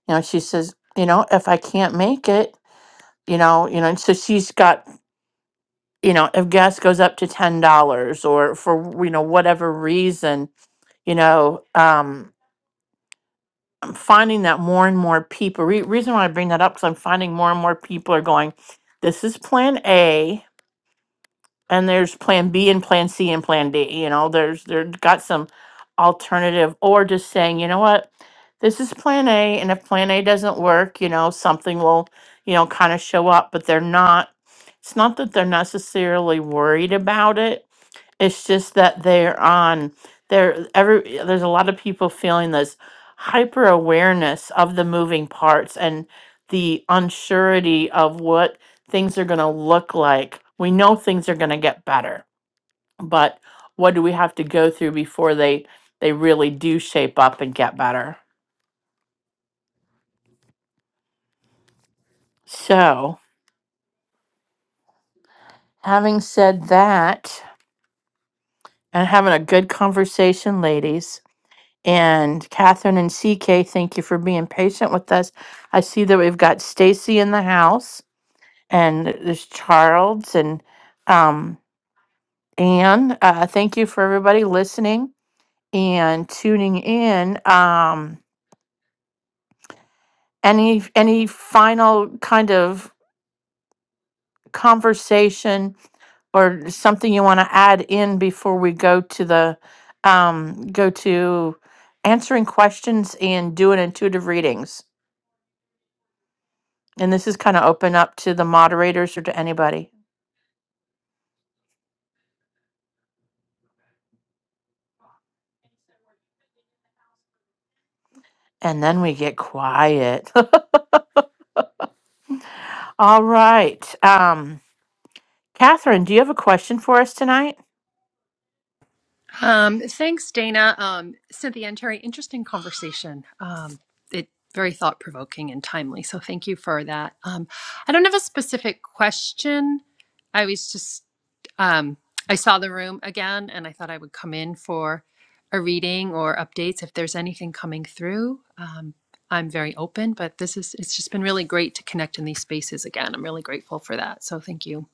you know she says you know if i can't make it you know you know and so she's got you know if gas goes up to ten dollars or for you know whatever reason you know um. finding that more and more people, re- reason why I bring that up, because I'm finding more and more people are going, this is plan A, and there's plan B and plan C and plan D. You know, there's, they've got some alternative, or just saying, you know what, this is plan A, and if plan A doesn't work, you know, something will, you know, kind of show up, but they're not, it's not that they're necessarily worried about it it's just that they're on there every there's a lot of people feeling this hyper awareness of the moving parts and the unsurety of what things are going to look like. We know things are going to get better, but what do we have to go through before they they really do shape up and get better? So, having said that and having a good conversation, ladies, And Catherine and CK, thank you for being patient with us. I see that we've got Stacy in the house and there's Charles and um, Anne. Uh, thank you for everybody listening and tuning in. Um, any any final kind of conversation or something you want to add in before we go to the um, go to answering questions and doing intuitive readings? And this is kind of open up to the moderators or to anybody. And then we get quiet. All right. Um, Catherine, do you have a question for us tonight?
Um, thanks, Dana. Um, Cynthia and Terry, interesting conversation. Um, it very thought provoking and timely. So thank you for that. Um, I don't have a specific question. I was just um, I saw the room again, and I thought I would come in for a reading or updates if there's anything coming through. Um, I'm very open, but this is it's just been really great to connect in these spaces again. I'm really grateful for that. So thank you.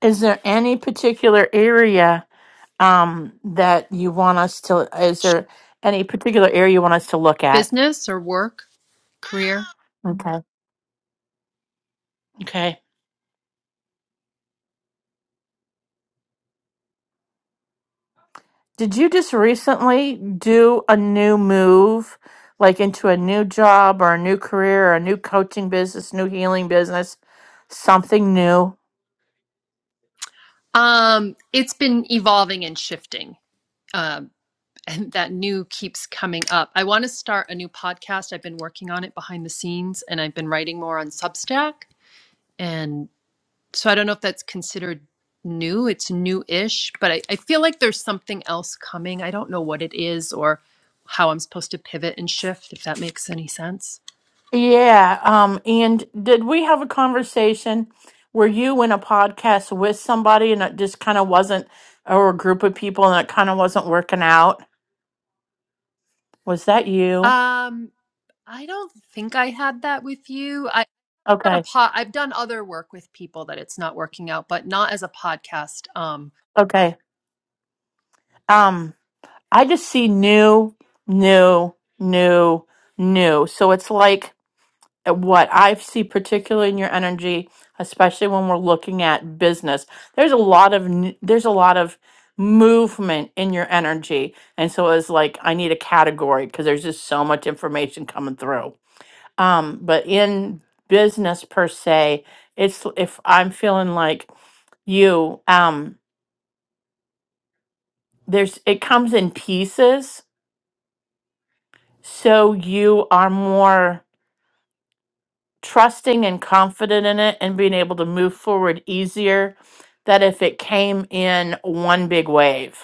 Is there any particular area um, that you want us to? Is there any particular area you want us to look at?
Business or work, career.
Okay. Okay. Did you just recently do a new move, like into a new job or a new career or a new coaching business, new healing business, something new?
Um, it's been evolving and shifting. Um, and that new keeps coming up. I want to start a new podcast. I've been working on it behind the scenes and I've been writing more on Substack. And so I don't know if that's considered new. It's new ish, but I, I feel like there's something else coming. I don't know what it is or how I'm supposed to pivot and shift, if that makes any sense.
Yeah. Um, and did we have a conversation? Were you in a podcast with somebody and it just kind of wasn't, or a group of people and it kind of wasn't working out? Was that you?
Um, I don't think I had that with you. I, I've done a
Okay.
pod, I've done other work with people that it's not working out, but not as a podcast. Um,
Okay. Um, I just see new, new, new, new. So it's like at what I see, particularly in your energy, especially when we're looking at business, there's a lot of n- there's a lot of movement in your energy, and so it's like I need a category because there's just so much information coming through. Um, but in business per se, it's if I'm feeling like you, um, there's it comes in pieces, so you are more. trusting and confident in it and being able to move forward easier that if it came in one big wave.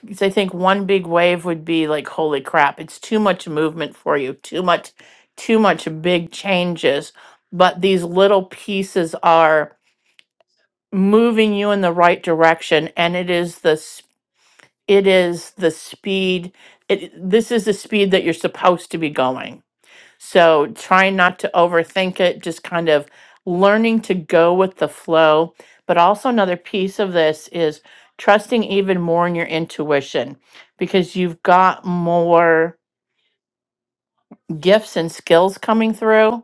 Because I think one big wave would be like, holy crap, it's too much movement for you, too much, too much big changes. But these little pieces are moving you in the right direction, and it is the s- it is the speed. It, this is the speed that you're supposed to be going So trying not to overthink it, just kind of learning to go with the flow. But also, another piece of this is trusting even more in your intuition because you've got more gifts and skills coming through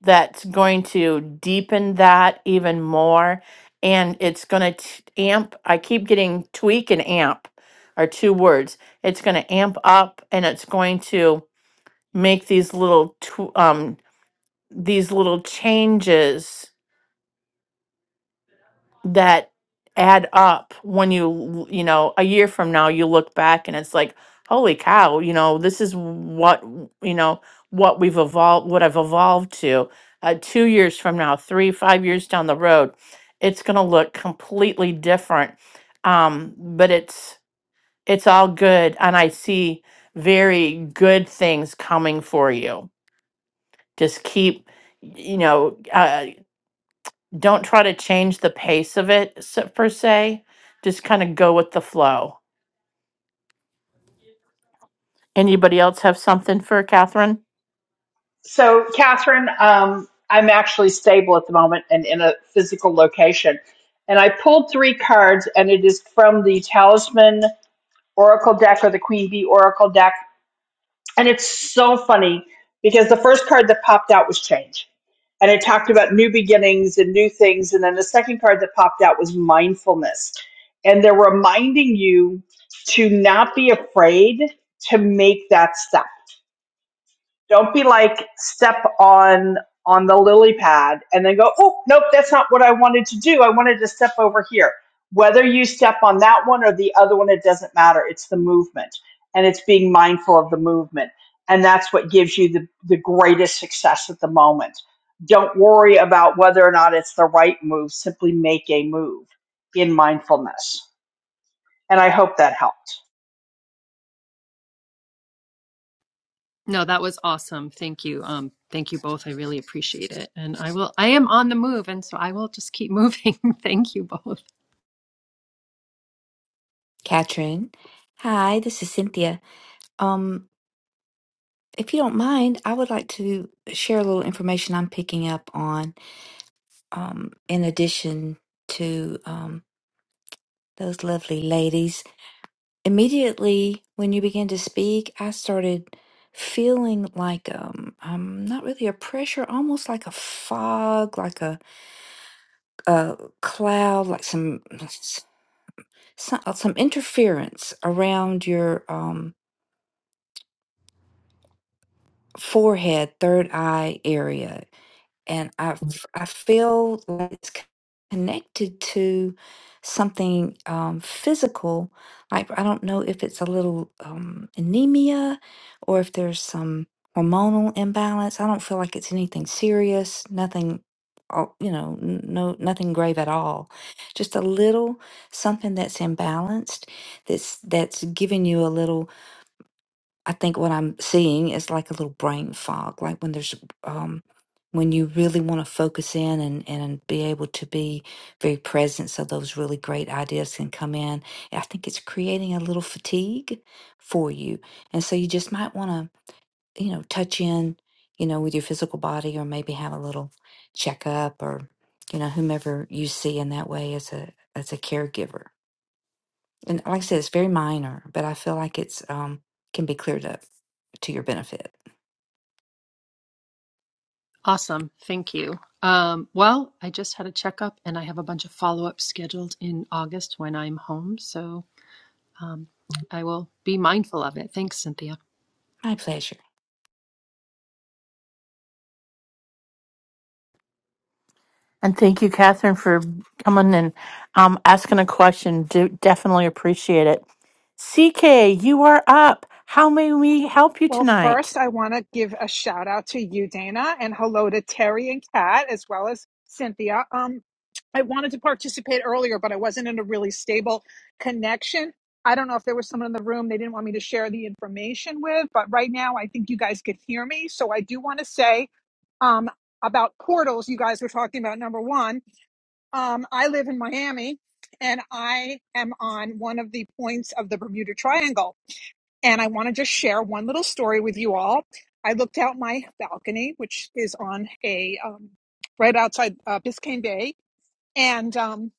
that's going to deepen that even more. And it's going to amp, I keep getting tweak and amp are two words. It's going to amp up and it's going to make these little tw- um, these little changes that add up when you you know a year from now you look back and it's like holy cow you know this is what w- you know what we've evolved what i've evolved to uh, two years from now three five years down the road it's going to look completely different um, but it's it's all good and i see very good things coming for you just keep you know uh, don't try to change the pace of it s- per se. Just kind of go with the flow. Anybody else have something for Catherine?
So, Catherine, um, I'm actually stable at the moment and in a physical location. And I pulled three cards, and it is from the Talisman Oracle deck or the Queen Bee Oracle deck. And it's so funny because the first card that popped out was change. And it talked about new beginnings and new things. And then the second card that popped out was mindfulness. And they're reminding you to not be afraid to make that step Don't be like step on on the lily pad and then go, oh nope, that's not what I wanted to do. I wanted to step over here. Whether you step on that one or the other one, it doesn't matter. It's the movement and it's being mindful of the movement. And that's what gives you the, the greatest success at the moment. Don't worry about whether or not it's the right move. Simply make a move in mindfulness. And I hope that helped.
no, that was awesome. Thank you. Um, thank you both. I really appreciate it. And I will, I am on the move, and so I will just keep moving. Thank you both.
Katrin. Hi, this is Cynthia. Um, if you don't mind, I would like to share a little information I'm picking up on, um, in addition to um, those lovely ladies. Immediately when you began to speak, I started feeling like um, um not really a pressure, almost like a fog, like a a cloud, like some some, some interference around your um forehead, third eye area. And I, f- I feel like it's c- connected to something um, physical. Like, I don't know if it's a little um, anemia or if there's some hormonal imbalance. I don't feel like it's anything serious, nothing. uh, You know, n- no, nothing grave at all. Just a little something that's imbalanced. That's that's giving you a little I think what I'm seeing is like a little brain fog, like when there's um when you really want to focus in and and be able to be very present so those really great ideas can come in. I think it's creating a little fatigue for you. And so you just might want to, you know, touch in, you know, with your physical body or maybe have a little checkup or you know, whomever you see in that way as a as a caregiver. And like I said, it's very minor, but I feel like it's um can be cleared up to your benefit.
Awesome. Thank you. Um, well, I just had a checkup and I have a bunch of follow ups scheduled in August when I'm home. So um, I will be mindful of it. Thanks, Cynthia.
My pleasure.
And thank you, Catherine, for coming and um, asking a question. Do definitely appreciate it. CK, you are up. How may we help you
Well,
tonight?
first, I want to give a shout out to you, Dana, and hello to Terry and Kat, as well as Cynthia. Um, I wanted to participate earlier, but I wasn't in a really stable connection. I don't know if there was someone in the room they didn't want me to share the information with, but right now I think you guys could hear me. So I do want to say um, about portals, you guys were talking about number one. Um, I live in Miami and I am on one of the points of the Bermuda Triangle. And I want to just share one little story with you all. I looked out my balcony, which is on a um, right outside uh, Biscayne Bay, and um,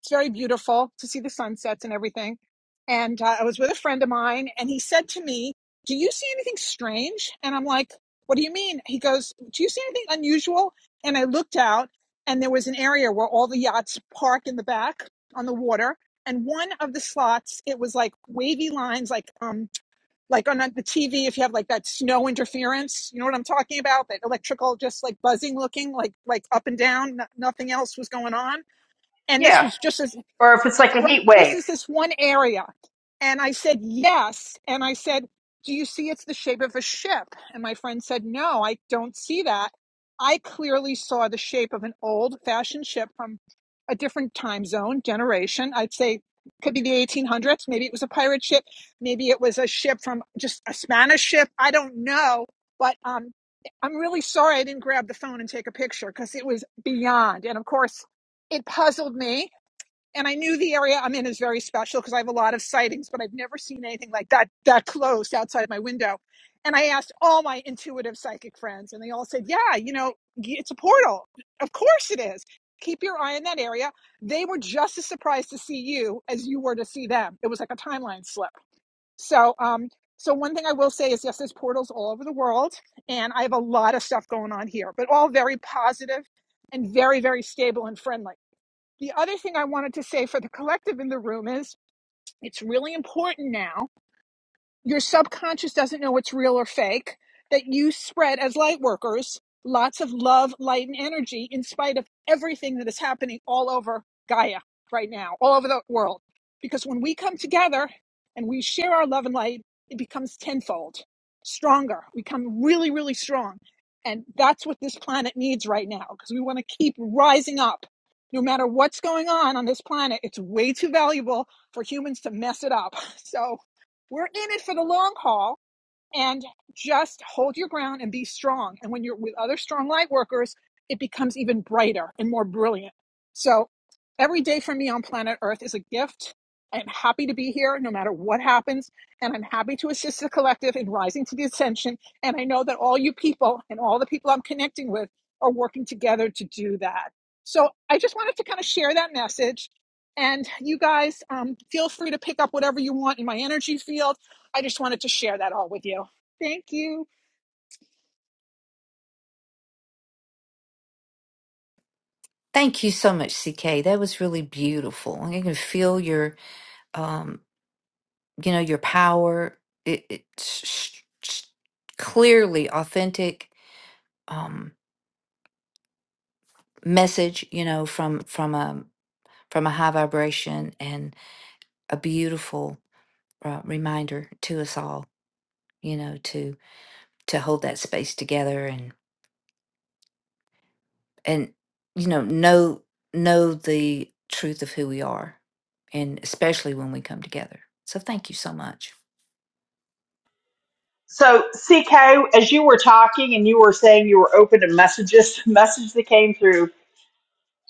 it's very beautiful to see the sunsets and everything. And uh, I was with a friend of mine, and he said to me, "Do you see anything strange?" And I'm like, "What do you mean?" He goes, "Do you see anything unusual?" And I looked out, and there was an area where all the yachts park in the back on the water. And one of the slots, it was like wavy lines, like um, like on the TV, if you have like that snow interference, you know what I'm talking about? That electrical, just like buzzing looking, like like up and down, no- nothing else was going on. And this
Yeah.
was just as
Or if it's like a heat
this
wave.
is this one area. And I said, yes. And I said, do you see it's the shape of a ship? And my friend said, no, I don't see that. I clearly saw the shape of an old fashioned ship from a different time zone, generation. I'd say could be the 1800s. Maybe it was a pirate ship. Maybe it was a ship from just a Spanish ship. I don't know. But um, I'm really sorry I didn't grab the phone and take a picture because it was beyond. And of course, it puzzled me and I knew the area I'm in is very special because I have a lot of sightings, but I've never seen anything like that that close outside my window. And I asked all my intuitive psychic friends, and they all said, "Yeah, you know, it's a portal. Of course it is. Keep your eye on that area." They were just as surprised to see you as you were to see them. It was like a timeline slip. So, um, so one thing I will say is, yes, there's portals all over the world, and I have a lot of stuff going on here, but all very positive and very, very stable and friendly. The other thing I wanted to say for the collective in the room is it's really important now your subconscious doesn't know what's real or fake that you spread as light workers lots of love light and energy in spite of everything that is happening all over gaia right now all over the world because when we come together and we share our love and light it becomes tenfold stronger we become really really strong and that's what this planet needs right now because we want to keep rising up no matter what's going on on this planet it's way too valuable for humans to mess it up so we're in it for the long haul and just hold your ground and be strong. And when you're with other strong light workers, it becomes even brighter and more brilliant. So every day for me on planet Earth is a gift. I'm happy to be here no matter what happens. And I'm happy to assist the collective in rising to the ascension. And I know that all you people and all the people I'm connecting with are working together to do that. So I just wanted to kind of share that message. And you guys, um, feel free to pick up whatever you want in my energy field I just wanted to share that all with you. Thank you.
Thank you so much, CK. That was really beautiful. I can feel your um you know your power. It, it's sh- sh- clearly authentic um message. You know from from a from a high vibration and a beautiful uh, reminder to us all. You know to to hold that space together and you know know know the truth of who we are and especially when we come together so thank you so much
So, CK, as you were talking and you were saying you were open to messages, message that came through,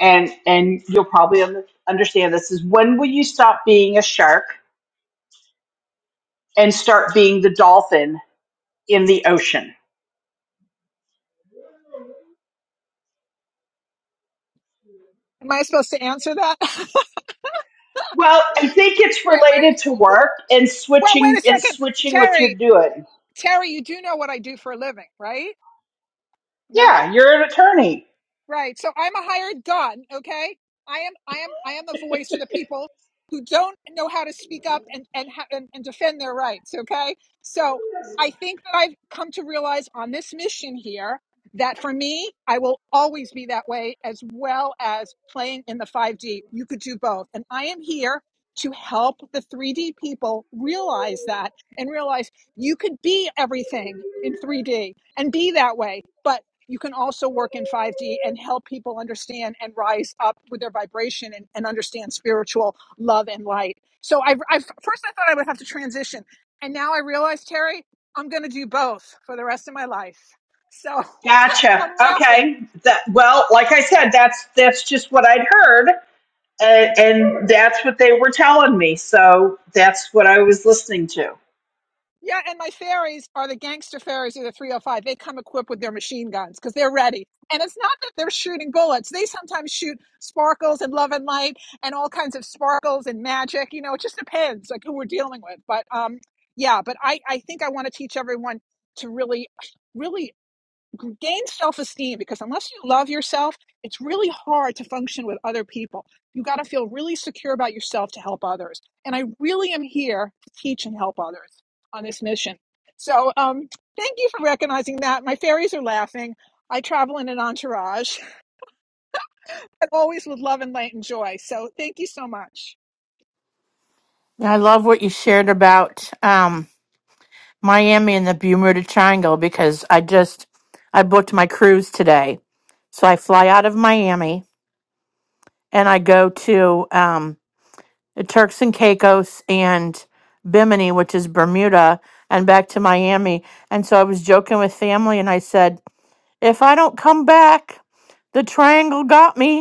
and and you'll probably un- understand this is when will you stop being a shark and start being the dolphin in the ocean?
Am I supposed to answer that? wait,
Well, I think it's related
wait,
to work and
well, wait a
switching and
second,
switching what you're
Terry.
doing.
Terry, you do know what I do for a living, right? No?
Yeah, you're an attorney.
Right. So I'm a hired gun, okay? I am I am I am the voice for the people who don't know how to speak up and and ha- and, and defend their rights, okay? So I think that I've come to realize on this mission here that for me, I will always be that way as well as playing in the 5D. You could do both. And I am here to help the 3D people realize that and realize you could be everything in 3D and be that way. But you can also work in 5D and help people understand and rise up with their vibration and, and understand spiritual love and light. So I, I first I thought I would have to transition, and now I realize, Terry, I'm going to do both for the rest of my life. So
Gotcha.
I'm laughing
Okay. That well, like I said, that's that's just what I'd heard and, and that's what they were telling me. So that's what I was listening to.
Yeah, and my fairies are the gangster fairies of the 305. They come equipped with their machine guns because they're ready. And it's not that they're shooting bullets. They sometimes shoot sparkles and love and light and all kinds of sparkles and magic. You know, it just depends like who we're dealing with. But um, yeah, but I, I think I want to teach everyone to really, really gain self esteem because unless you love yourself, it's really hard to function with other people. You got to feel really secure about yourself to help others. And I really am here to teach and help others on this mission. So um, thank you for recognizing that. My fairies are laughing. I travel in an entourage, and always with love and light and joy. So thank you so much.
I love what you shared about um, Miami and the Bermuda Triangle because I just I booked my cruise today, so I fly out of Miami and I go to um, the Turks and Caicos and Bimini, which is Bermuda, and back to Miami. And so I was joking with family and I said, if I don't come back, the triangle got me.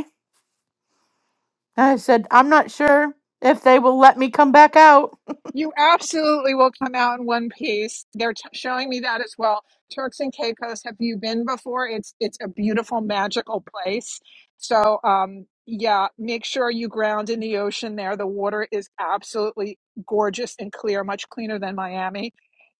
And I said, I'm not sure if they will let me come back out.
You absolutely will come out in one piece. They're t- showing me that as well. Turks and Caicos, have you been before? It's it's a beautiful, magical place. So, um, yeah, make sure you ground in the ocean there. The water is absolutely gorgeous and clear, much cleaner than Miami.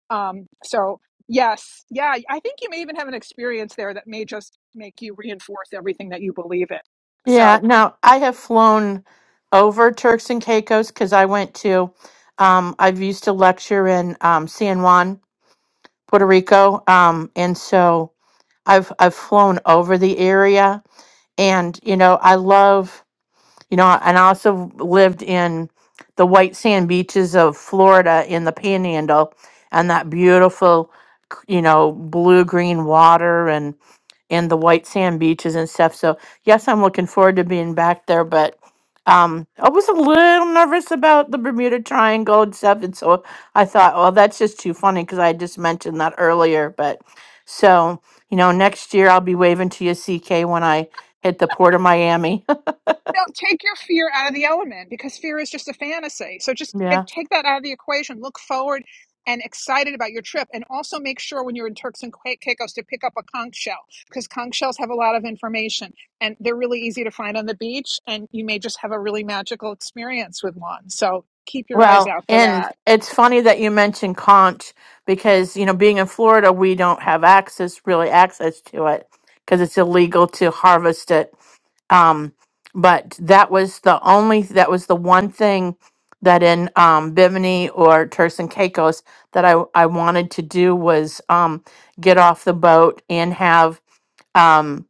Um, so yes, yeah, I think you may even have an experience there that may just make you reinforce everything that you believe in. So,
Yeah, now I have flown over Turks and Caicos because I went to, um, I've used to lecture in um, San Juan, Puerto Rico. Um, and so I've, I've flown over the area and, you know, I love You know, and I also lived in the white sand beaches of Florida in the Panhandle and that beautiful, c- you know, blue green water and and the white sand beaches and stuff. So yes, I'm looking forward to being back there, but um, I was a little nervous about the Bermuda Triangle and stuff, and so I thought, well, that's just too funny because I just mentioned that earlier. But so you know, next year I'll be waving to you, CK, when I hit the port of Miami.
No, take your fear out of the element because fear is just a fantasy. So just eh,
yeah.
take that out of the equation. Look forward and excited about your trip. And also make sure when you're in Turks and Cai- Caicos to pick up a conch shell because conch shells have a lot of information and they're really easy to find on the beach. And you may just have a really magical experience with one. So keep your eyes
Well,
out for
and
that.
it's funny that you mentioned conch because, you know, being in Florida, we don't have access, really access to it because it's illegal to harvest it. Um, but that was the only, that was the one thing that in um, Bimini or Turks and Caicos that I, I wanted to do was um, get off the boat and have, um,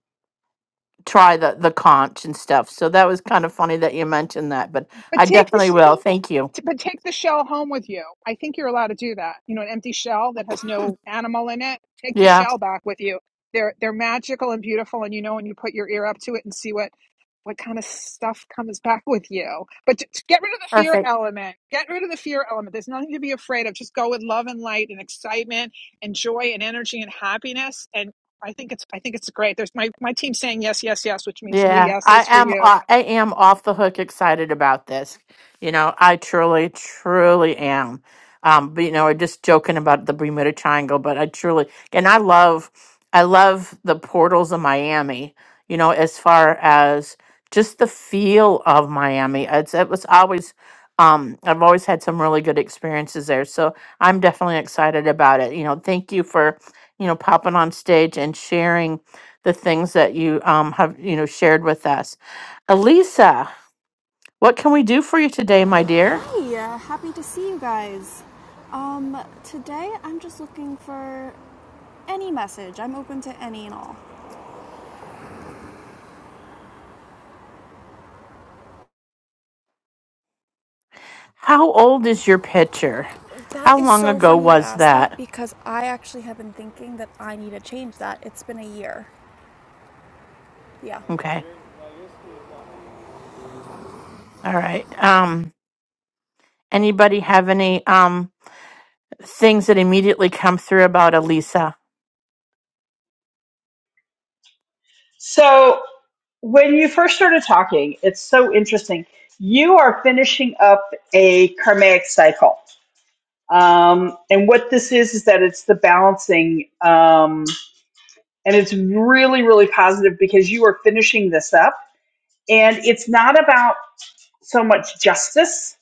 try the, the conch and stuff. So that was kind of funny that you mentioned that, but
But
I
take
definitely
this.
will. Thank you.
T- But take the shell home with you. I think you're allowed to do that. You know, an empty shell that has no animal in it. Take the
Yeah,
shell back with you. They're they're magical and beautiful, and you know when you put your ear up to it and see what what kind of stuff comes back with you. But t- t- get rid of the fear
perfect.
element. Get rid of the fear element. There's nothing to be afraid of. Just go with love and light and excitement and joy and energy and happiness. And I think it's I think it's great. There's my my team saying yes, yes, yes, which means three
Yeah, I
yeses for
am.
you
I am off the hook excited about this. You know, I truly, truly am. Um, but you know, we're just joking about the Bermuda Triangle, but I truly, and I love, I love the portals of Miami. You know, as far as just the feel of Miami, it's it was always. Um, I've always had some really good experiences there, so I'm definitely excited about it. You know, thank you for, you know, popping on stage and sharing the things that you um, have you know shared with us. Elisa, what can we do for you today, my dear?
Hey, uh, happy to see you guys. Um, today I'm just looking for any message. I'm open to any and all.
How old is your picture?
That
How
is
long
so
ago
funny you
was
asked that
that?
because I actually have been thinking that I need to change that. It's been a year. Yeah.
Okay. All right. Um anybody have any um things that immediately come through about Elisa?
So when you first started talking, it's so interesting. You are finishing up a karmic cycle. Um, and what this is, is that it's the balancing. Um, and it's really, really positive because you are finishing this up. And it's not about so much justice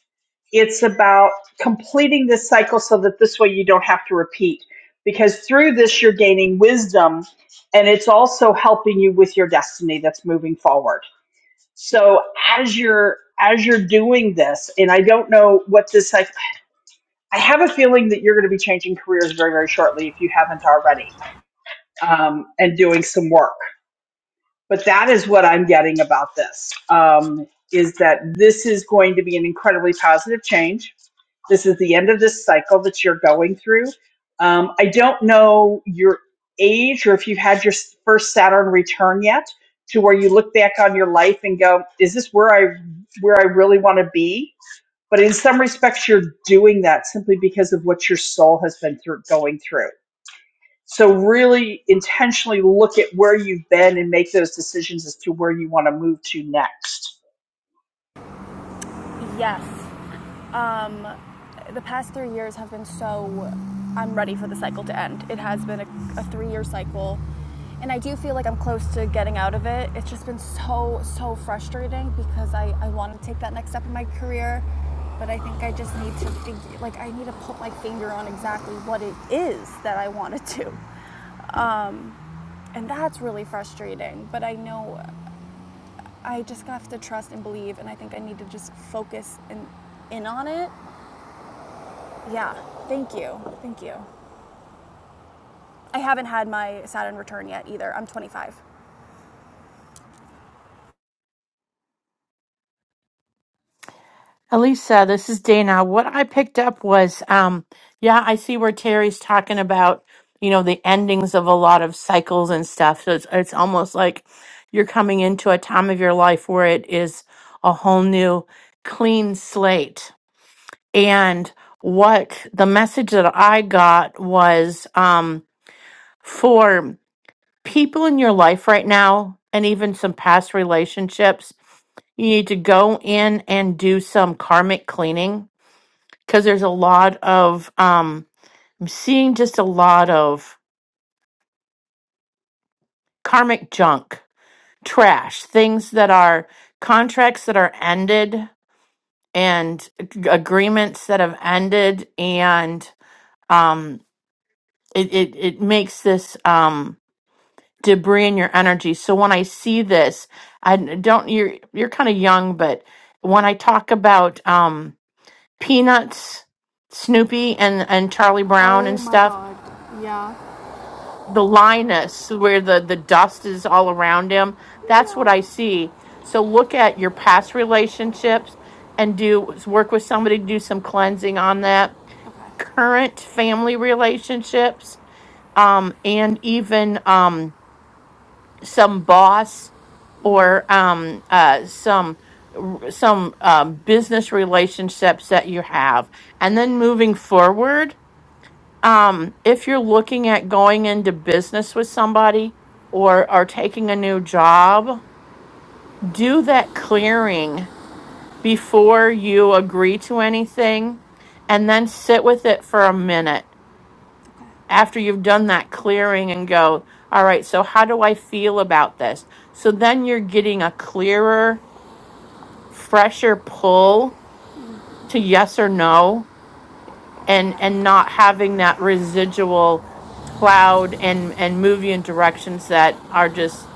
it's about completing this cycle so that this way you don't have to repeat. Because through this, you're gaining wisdom and it's also helping you with your destiny that's moving forward. So as you're as you're doing this, and I don't know what this I, I have a feeling that you're going to be changing careers very very shortly if you haven't already, um, and doing some work but that is what I'm getting about this um, is that this is going to be an incredibly positive change. This is the end of this cycle that you're going through. Um, I don't know your age or if you've had your s- first Saturn return yet, to where you look back on your life and go, "Is this where I where I really want to be?" But in some respects, you're doing that simply because of what your soul has been through, going through. So really intentionally look at where you've been and make those decisions as to where you want to move to next.
Yes. Um, the past three years have been so. I'm ready for the cycle to end. It has been a, a three year cycle. And I do feel like I'm close to getting out of it. It's just been so, so frustrating because I, I want to take that next step in my career. But I think I just need to figure, like, I need to put my finger on exactly what it is that I want to do. Um, and that's really frustrating. But I know I just have to trust and believe. And I think I need to just focus and in on it Yeah. Thank you. Thank you. I haven't had my Saturn return yet either. I'm 25.
Elisa, this is Dana. What I picked up was, um, yeah, I see where Terry's talking about, you know, the endings of a lot of cycles and stuff. So it's it's almost like you're coming into a time of your life where it is a whole new clean slate. And what the message that I got was um, for people in your life right now, and even some past relationships, you need to go in and do some karmic cleaning because there's a lot of um I'm seeing just a lot of karmic junk, trash, things that are contracts that are ended and ag- agreements that have ended and um it it, it makes this um debris in your energy. So when I see this, I n- don't you're you're kind of young, but when I talk about um peanuts, Snoopy and and Charlie Brown
Oh
and
my
stuff
god. Yeah.
the Linus where the the dust is all around him. That's what
Yeah.
I see. So look at your past relationships and do work with somebody to do some cleansing on that.
Okay.
Current family relationships, um, and even um, some boss or um, uh, some r- some um, business relationships that you have, and then moving forward um, if you're looking at going into business with somebody or are taking a new job, do that clearing before you agree to anything and then sit with it for a minute
Okay.
after you've done that clearing and go, all right, so how do I feel about this? So then you're getting a clearer, fresher pull to yes or no and and
Okay.
not having that residual cloud and and move you in directions that are just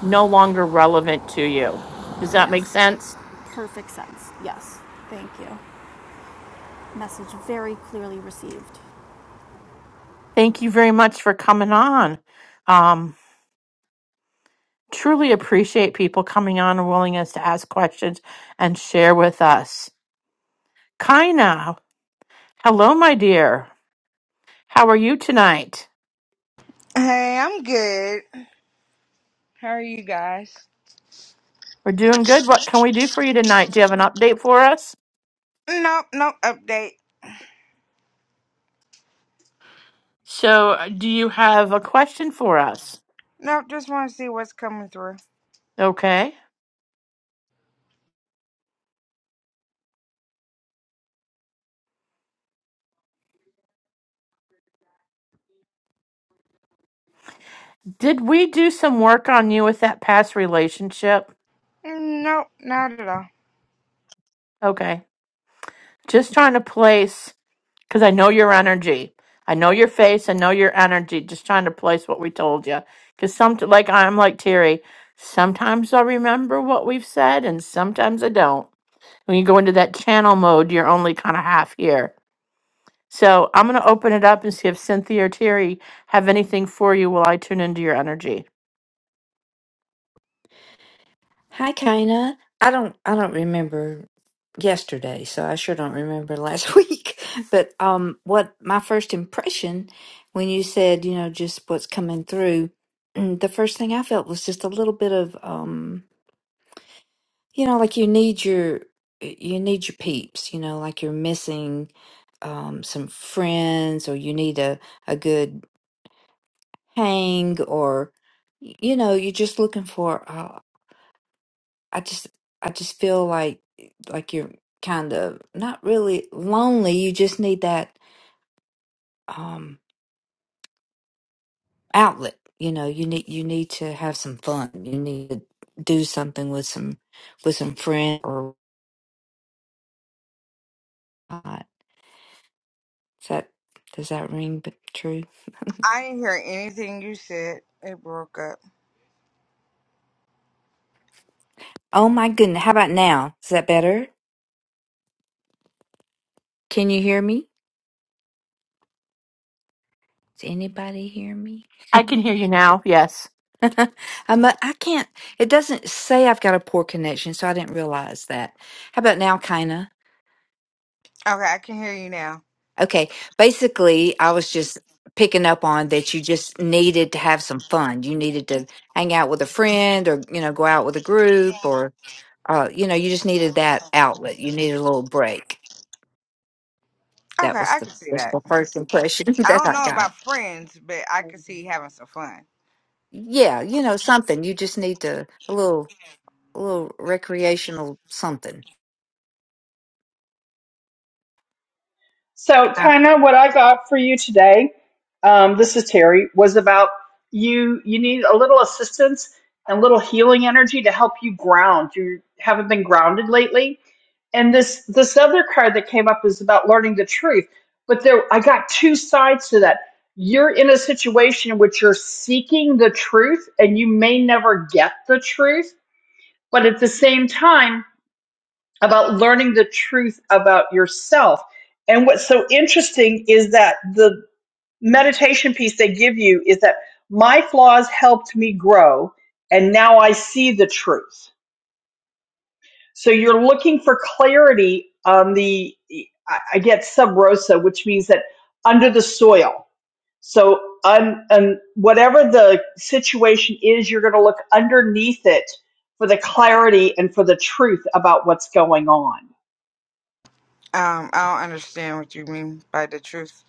no longer relevant to you does that make
Yes.
sense
Perfect sense. Yes. Thank you. Message very clearly received.
thank you very much for coming on um truly appreciate people coming on and willing us to ask questions and share with us kaina hello my dear how are you tonight
Hey, I'm good. How are you guys?
we're doing good what can we do for you tonight do you have an update for us
Nope, no update.
so uh, do you have a question for us
Nope, just want to see what's coming through.
okay Did we do some work on you with that past relationship?
Nope, not at all.
Okay. Just trying to place, because I know your energy. I know your face. I know your energy. Just trying to place what we told you. Because some, like I'm like Terry, sometimes I remember what we've said and sometimes I don't. When you go into that channel mode, you're only kind of half here. So I'm going to open it up and see if Cynthia or Terry have anything for you while I tune into your energy.
hi Kaina. i don't i don't remember yesterday so i sure don't remember last week but um what my first impression when you said you know just what's coming through mm, the first thing i felt was just a little bit of um you know like you need your you need your peeps you know like you're missing um some friends or you need a a good hang or y- you know you're just looking for uh, i just i just feel like like you're kind of not really lonely you just need that um outlet you know you need you need to have some fun you need to do something with some with some friend or not. Is that does that ring b- true
I didn't hear anything you said. It broke up.
Oh my goodness. How about now? Is that better? Can you hear me? Does anybody hear me?
I can hear you now. Yes.
I'm a, I can't, it doesn't say I've got a poor connection, so I didn't realize that. How about now, kinda?
Okay, I can hear you now.
Okay. Basically, I was just picking up on that you just needed to have some fun. You needed to hang out with a friend or, you know, go out with a group or, uh, you know, you just needed that outlet. You needed a little break. That
Okay,
was
I
the,
can see
that's
that.
the first impression
I
that
don't
I
know about friends, but I can
got.
see you having some fun.
yeah, you know, something. You just need to a little, a little recreational something.
So
Uh,
kind of what I got for you today, um, this is Terry, was about you you need a little assistance and a little healing energy to help you ground. You haven't been grounded lately. And this this other card that came up is about learning the truth. But there I got two sides to that. You're in a situation in which you're seeking the truth and you may never get the truth but at the same time about learning the truth about yourself. And what's so interesting is that the meditation piece they give you is that my flaws helped me grow, and now I see the truth. So you're looking for clarity on the, I I get sub rosa, which means that under the soil so, um, and whatever the situation is, you're going to look underneath it for the clarity and for the truth about what's going on.
Um, I don't understand what you mean by the truth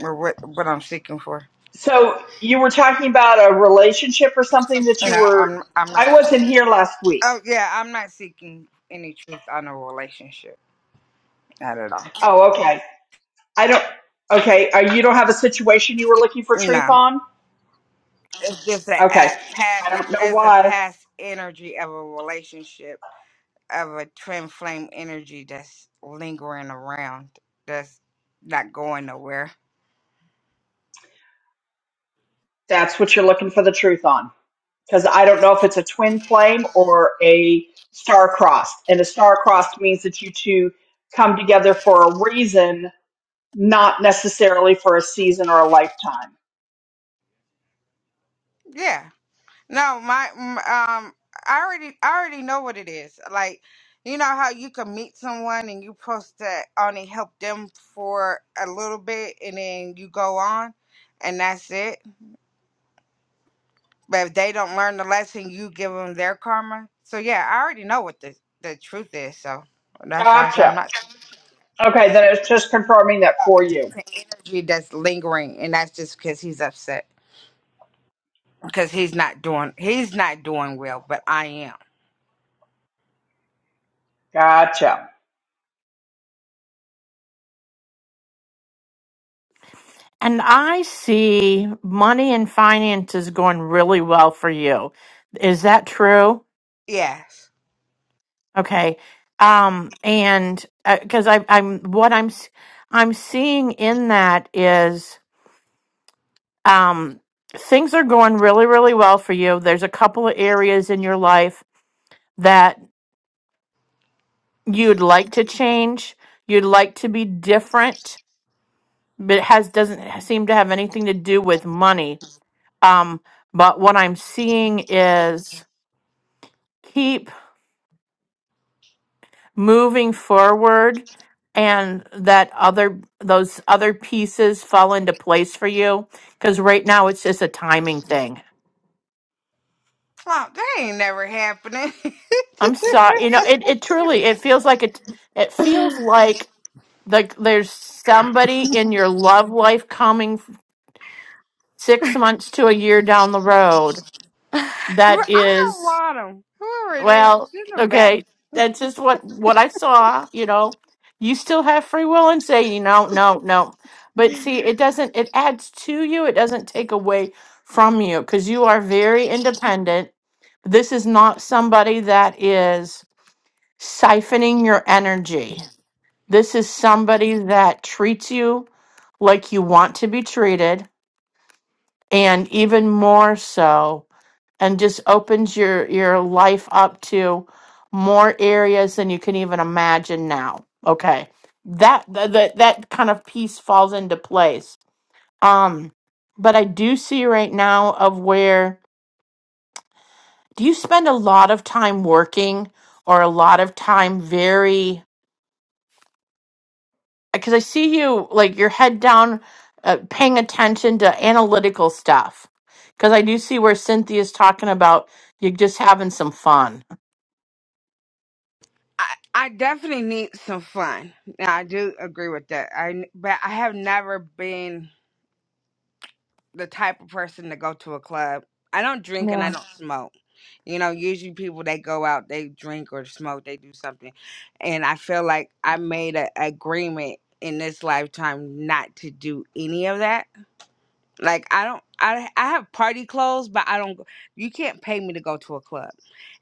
or what what I'm seeking for.
So, you were talking about a relationship or something that
And
you
I,
were.
I'm I'm not.
I wasn't here last week.
Oh yeah, I'm not seeking any truth on a relationship. Not at all.
Oh, okay. I don't. Okay, uh, you don't have a situation you were looking for truth
No.
on.
It's just a, a
Okay, I don't
past,
know
it's a
why.
past energy of a relationship of a twin flame energy that's lingering around, that's not going nowhere.
That's what you're looking for the truth on. because I don't know if it's a twin flame or a star crossed. And a star crossed means that you two come together for a reason, not necessarily for a season or a lifetime.
Yeah. No, my m- um, I already, I already know what it is. Like, you know how you can meet someone and you post to only help them for a little bit, and then you go on, and that's it But if they don't learn the lesson, you give them their karma. So yeah, I already know what the, the truth is. So that's why I said I'm
Gotcha.
not.
Okay, then it's just confirming that for
It's
you.
just an energy that's lingering, and that's just because he's upset because he's not doing he's not doing well, but I am.
Gotcha.
And I see money and finances going really well for you. Is that true?
Yes.
Okay. Um, and because I, I'm what I'm s- I'm seeing in that is um, things are going really really well for you. There's a couple of areas in your life that you'd like to change. You'd like to be different, but it has doesn't seem to have anything to do with money. Um, but what I'm seeing is keep moving forward and that other those other pieces fall into place for you because right now it's just a timing thing
Well, that ain't never happening.
i'm sorry you know it, it truly it feels like it it feels like like there's somebody in your love life coming f- six months to a year down the road that
I don't
is
want him. Whoever it is,
Well,
send him back.
okay, that's just what what I saw. You know, you still have free will and say, you know, no, no. But see, it doesn't. It adds to you. It doesn't take away from you because you are very independent. This is not somebody that is siphoning your energy. This is somebody that treats you like you want to be treated, and even more so and just opens your your life up to more areas than you can even imagine now okay that th- that that kind of piece falls into place um but i do see right now of where do you spend a lot of time working or a lot of time very because i see you like your head down uh, paying attention to analytical stuff because i do see where cynthia's talking about you just having some fun
I, I definitely need some fun. Now, I do agree with that. I but I have never been. the type of person to go to a club. I don't drink and I
yeah
don't smoke. You know, usually people they go out, they drink or smoke, they do something. And I feel like I made an agreement in this lifetime not to do any of that. Like I don't I I have party clothes, but I don't go- you can't pay me to go to a club.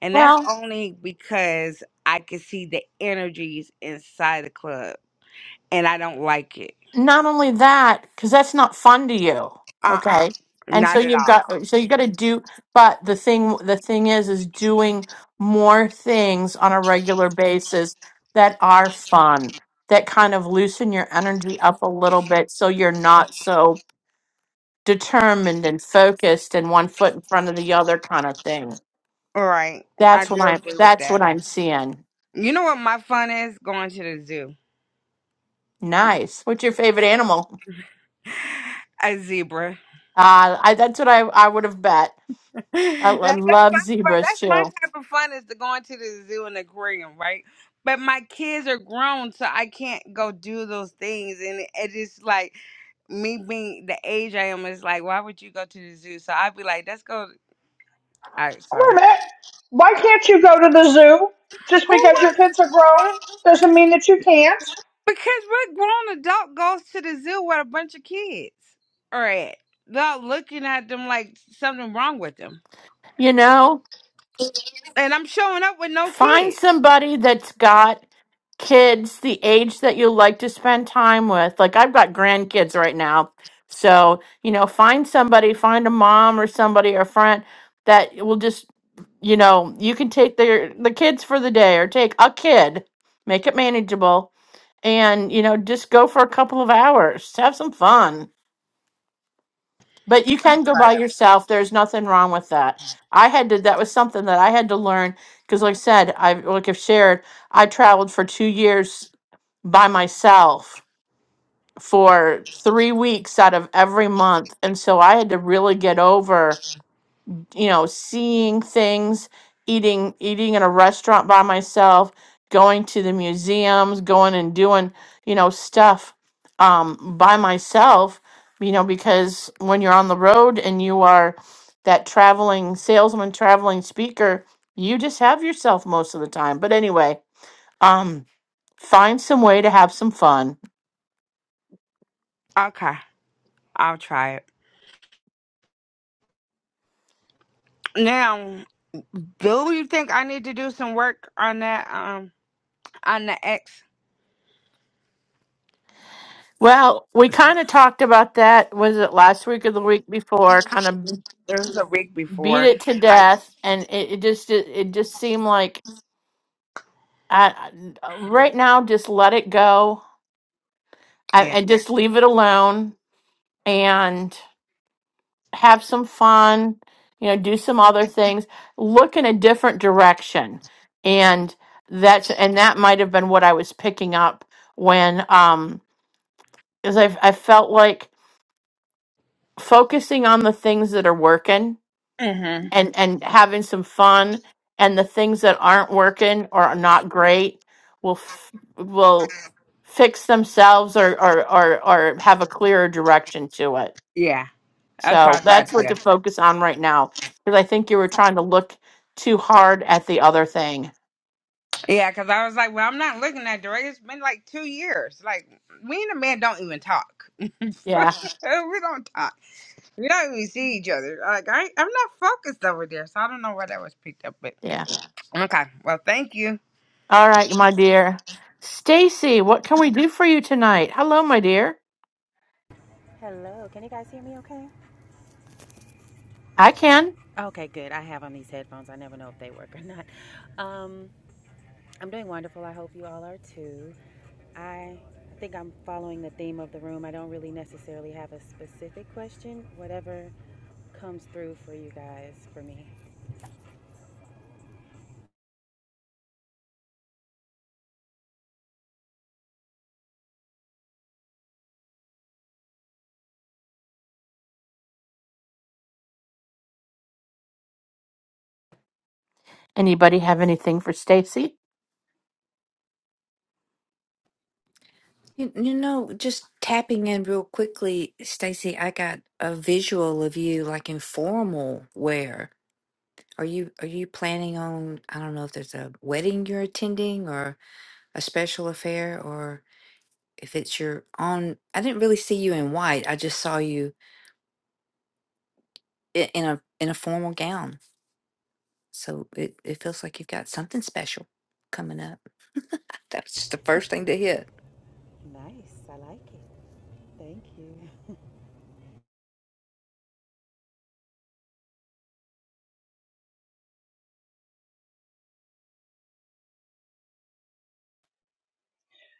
And that's
well
only because I can see the energies inside the club and I don't like it.
not only that because that's not fun to you
Uh-uh.
okay and so
Not at
you've
all.
got uh, so you got to do but the thing the thing is is doing more things on a regular basis that are fun that kind of loosen your energy up a little bit so you're not so determined and focused and one foot in front of the other kind of thing
All right. I
that's what
do
i'm
agree with
that's
that.
what i'm seeing
You know what my fun is? Going to the zoo.
nice what's your favorite animal
A zebra.
uh I, that's what i i would have bet I,
Like,
I
that's
love
my fun.
zebras
That's
too
my type of fun is to going to the zoo and aquarium, right? But my kids are grown, so I can't go do those things. And it it is like me being the age I am is like, why would you go to the zoo? So I'd be like, let's go. All right,
Wait
so
a minute. Why can't you go to the zoo? Just
who
because your
wants?
kids are grown doesn't mean that you can't.
Because what grown adult goes to the zoo with a bunch of kids or at without looking at them like something wrong with them?
You know,
And I'm showing up with no
find
kids.
somebody that's got kids the age that you like to spend time with. Like I've got grandkids right now. So, you know, find somebody, find a mom or somebody or a friend that will just, you know, you can take their the kids for the day or take a kid, make it manageable and, you know, just go for a couple of hours. Have some fun. But you can go by yourself. There's nothing wrong with that. I had to, that was something that I had to learn because, like I said, I like I've shared, I traveled for two years by myself for three weeks out of every month. And so I had to really get over you know, seeing things, eating eating in a restaurant by myself, going to the museums, going and doing, you know, stuff um by myself, you know, because when you're on the road and you are that traveling salesman, traveling speaker, you just have yourself most of the time. But anyway, um find some way to have some fun.
Okay, I'll try it. Now, do you think I need to do some work on that? Um, on the X.
Well, we kind of talked about that was it last week or the week before, kind of
There was a week
beat
before.
it to
I
death and it, it just it, it just seemed like I, I- right now just let it go and,
yeah.
and just leave it alone and have some fun you know do some other things look in a different direction and that's and that might have been what i was picking up when um because I, I felt like focusing on the things that are working
Mhm.
and and having some fun and the things that aren't working or are not great will f- will fix themselves or, or or or have a clearer direction to it
Yeah, that's what I
so that's
thought
what
too.
to focus on right now because i think you were trying to look too hard at the other thing
Yeah, because I was like, well, I'm not looking that direct. It's been like two years. Like me and the man don't even talk. we
yeah
don't talk. We don't even see each other. Like I, I'm not focused over there, so I don't know where that was picked up. But
yeah
okay, well, thank you.
all right my dear stacy what can we do for you tonight hello my dear
Hello, can you guys hear me okay?
i can
Okay, good. I have on these headphones. I never know if they work or not. Um, I'm doing wonderful. I hope you all are too. I think I'm following the theme of the room. I don't really necessarily have a specific question. Whatever comes through for you guys, for me.
anybody have anything for stacy
You, you know, just tapping in real quickly, Stacy. I got a visual of you like in formal wear. Are you are you planning on? I don't know if there's a wedding you're attending or a special affair or if it's your own. I didn't really see you in white. I just saw you i- in a in a formal gown. So it, it feels like you've got something special coming up. That's the first thing to hit.
Nice. I like it. Thank you.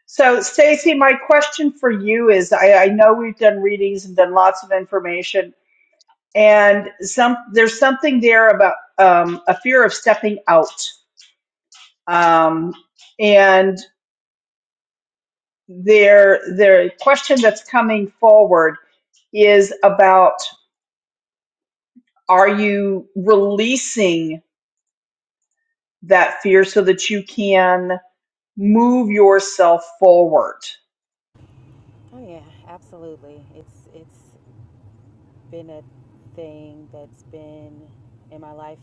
So, Stacy, my question for you is I, I know we've done readings and done lots of information and some there's something there about um, a fear of stepping out um, and their their question that's coming forward is about are you releasing that fear so that you can move yourself forward
Oh yeah, absolutely. It's it's been a thing that's been in my life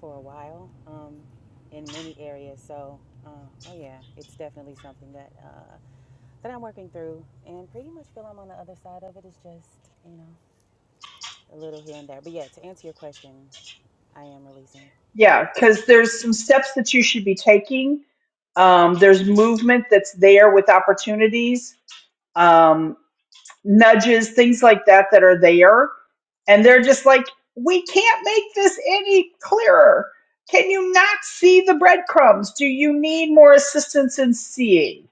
for a while um, in many areas. So, uh, oh yeah, it's definitely something that uh, that I'm working through, and pretty much feel I'm on the other side of it. It's just you know a little here and there. But yeah, to answer your question, I am releasing.
Yeah, because there's some steps that you should be taking. Um, there's movement that's there with opportunities. Um, nudges, things like that that are there. And they're just like, we can't make this any clearer. Can you not see the breadcrumbs? Do you need more assistance in seeing?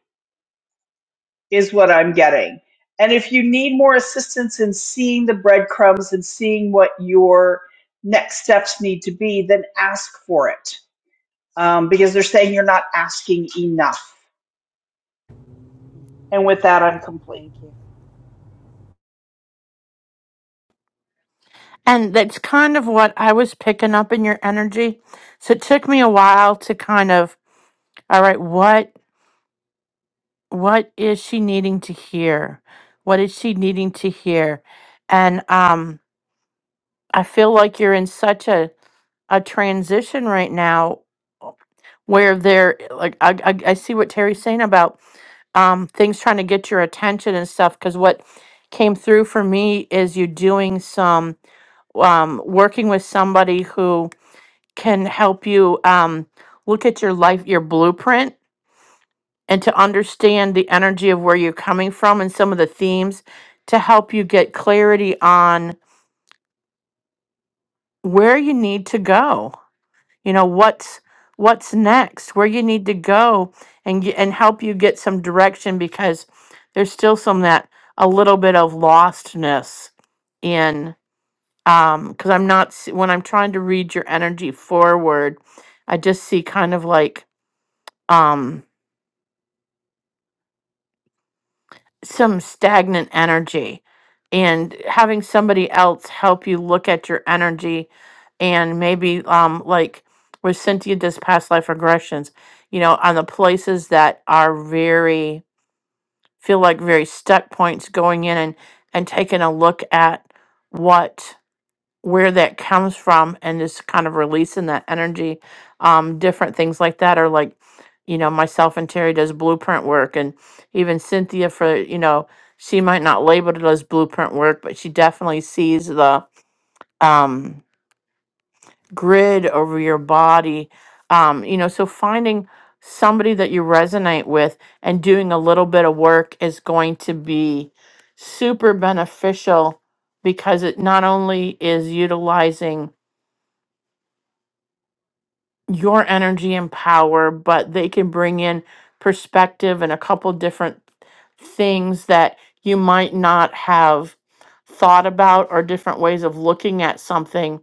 Is what I'm getting. And if you need more assistance in seeing the breadcrumbs and seeing what your next steps need to be, then ask for it um, because they're saying you're not asking enough. And with that,
Okay,
I'm complete.
thank you,
And that's kind of what I was picking up in your energy. So it took me a while to kind of, all right, what what is she needing to hear? What is she needing to hear? And um I feel like you're in such a a transition right now where there like I, I I see what Terry's saying about um things trying to get your attention and stuff because what came through for me is you doing some um working with somebody who. can help you um, look at your life, your blueprint, and to understand the energy of where you're coming from and some of the themes to help you get clarity on where you need to go. You know what's what's next, where you need to go, and ge- and help you get some direction because there's still some that a little bit of lostness in um because I'm not s- when I'm trying to read your energy forward, I just see kind of like um. some stagnant energy and having somebody else help you look at your energy and maybe um like with Cynthia does past life regressions, you know, on the places that are very feel like very stuck points going in and and taking a look at what where that comes from and just kind of releasing that energy. Um, different things like that are like, you know, myself and Terry does blueprint work and even Cynthia for, you know, she might not label it as blueprint work, but she definitely sees the um, grid over your body. Um, you know, so finding somebody that you resonate with and doing a little bit of work is going to be super beneficial because it not only is utilizing your energy and power, but they can bring in perspective and a couple different things that you might not have thought about or different ways of looking at something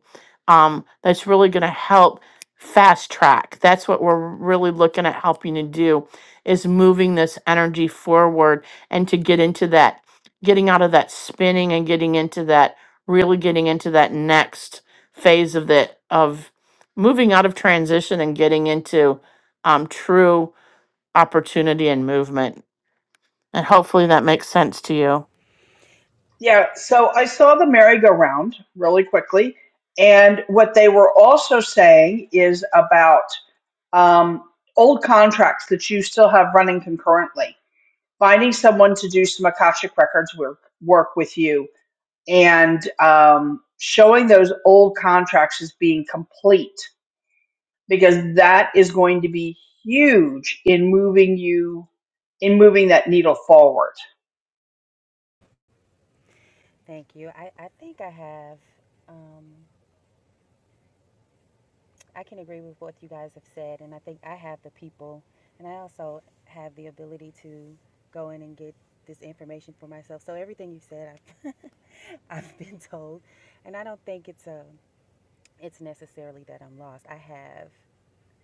um, that's really going to help fast track. That's what we're really looking at helping to do is moving this energy forward and to get into that, getting out of that spinning and getting into that, really getting into that next phase of the of moving out of transition and getting into um, true opportunity and movement. And hopefully that makes sense to you.
Yeah, so I saw the merry-go-round really quickly, and what they were also saying is about um, old contracts that you still have running concurrently, finding someone to do some Akashic Records work work with you, and um, showing those old contracts as being complete because that is going to be huge in moving you in moving that needle forward.
thank you. I I think I have. Um, I can agree with what you guys have said, and I think I have the people, and I also have the ability to go in and get this information for myself. So everything you said, I've, I've been told, and I don't think it's a, it's necessarily that I'm lost. I have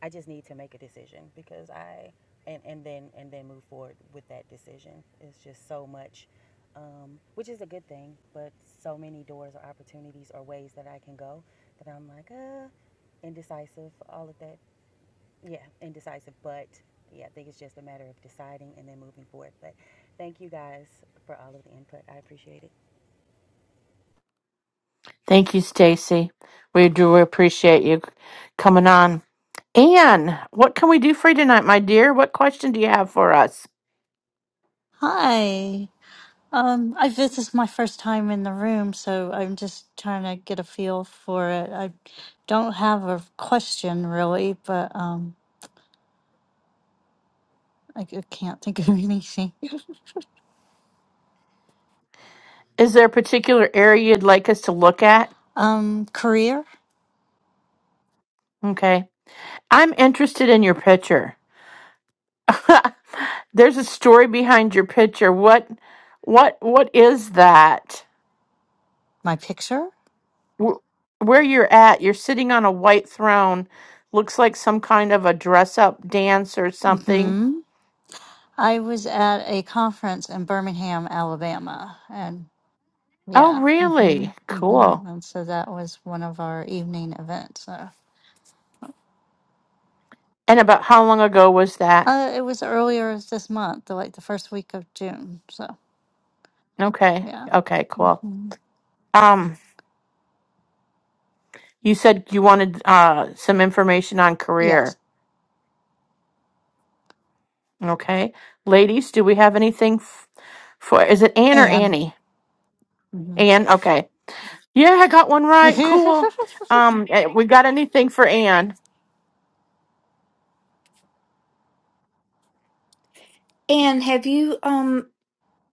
I just need to make a decision because I and, and then and then move forward with that decision. It's just so much, um, which is a good thing, but so many doors or opportunities or ways that I can go that I'm like, uh, indecisive, all of that. Yeah, indecisive, but yeah, I think it's just a matter of deciding and then moving forward. But thank you guys for all of the input. I appreciate it.
Thank you, Stacy. We do appreciate you coming on. Anne, what can we do for you tonight, my dear? What question do you have for us?
Hi. Um, I this is my first time in the room, so I'm just trying to get a feel for it. I don't have a question really, but um, I, c- can't think of anything.
Is there a particular area you'd like us to look at?
Um, career,
Okay. I'm interested in your picture. There's a story behind your picture. What what what is that?
my picture.
Wh- Where you're at, you're sitting on a white throne. Looks like some kind of a dress up dance or something.
Hmm. I was at a conference in Birmingham, Alabama, and
Oh,
yeah. Hmm.
really?
Hmm.
Cool.
And so that was one of our evening events. So.
And about how long ago was that?
Uh, it was earlier this month, like the first week of June. So
Okay.
yeah.
Okay, cool.
mm-hmm.
Um, you said you wanted uh some information on
Yes.
career. Okay. Ladies, do we have anything f- for is it Anne or
And.
Annie?
hmm
Anne, okay. Yeah, I got one right. Cool. Um, eh, we got anything for Anne?
And have you um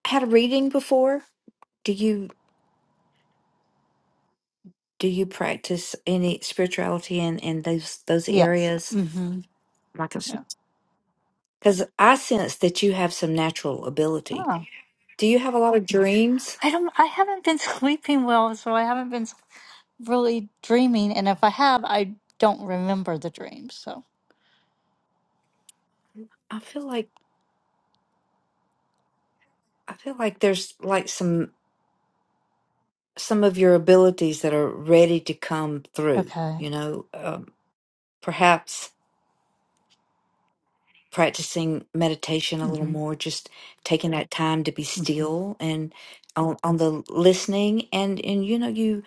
had a reading before? Do you do you practice any spirituality in in those those
yes.
areas?
hmm
Like,
Yeah.
because I sense that you have some natural ability.
Huh.
Do you have a lot of dreams?
I don't. I haven't been sleeping well, so I haven't been s- really dreaming. And if I have, I don't remember the dreams. So.
I feel like I feel like there's like some some of your abilities that are ready to come through.
Okay.
You know, um, perhaps practicing meditation a little
hmm
more, just taking that time to be
hmm
still and on, on the listening and and you know you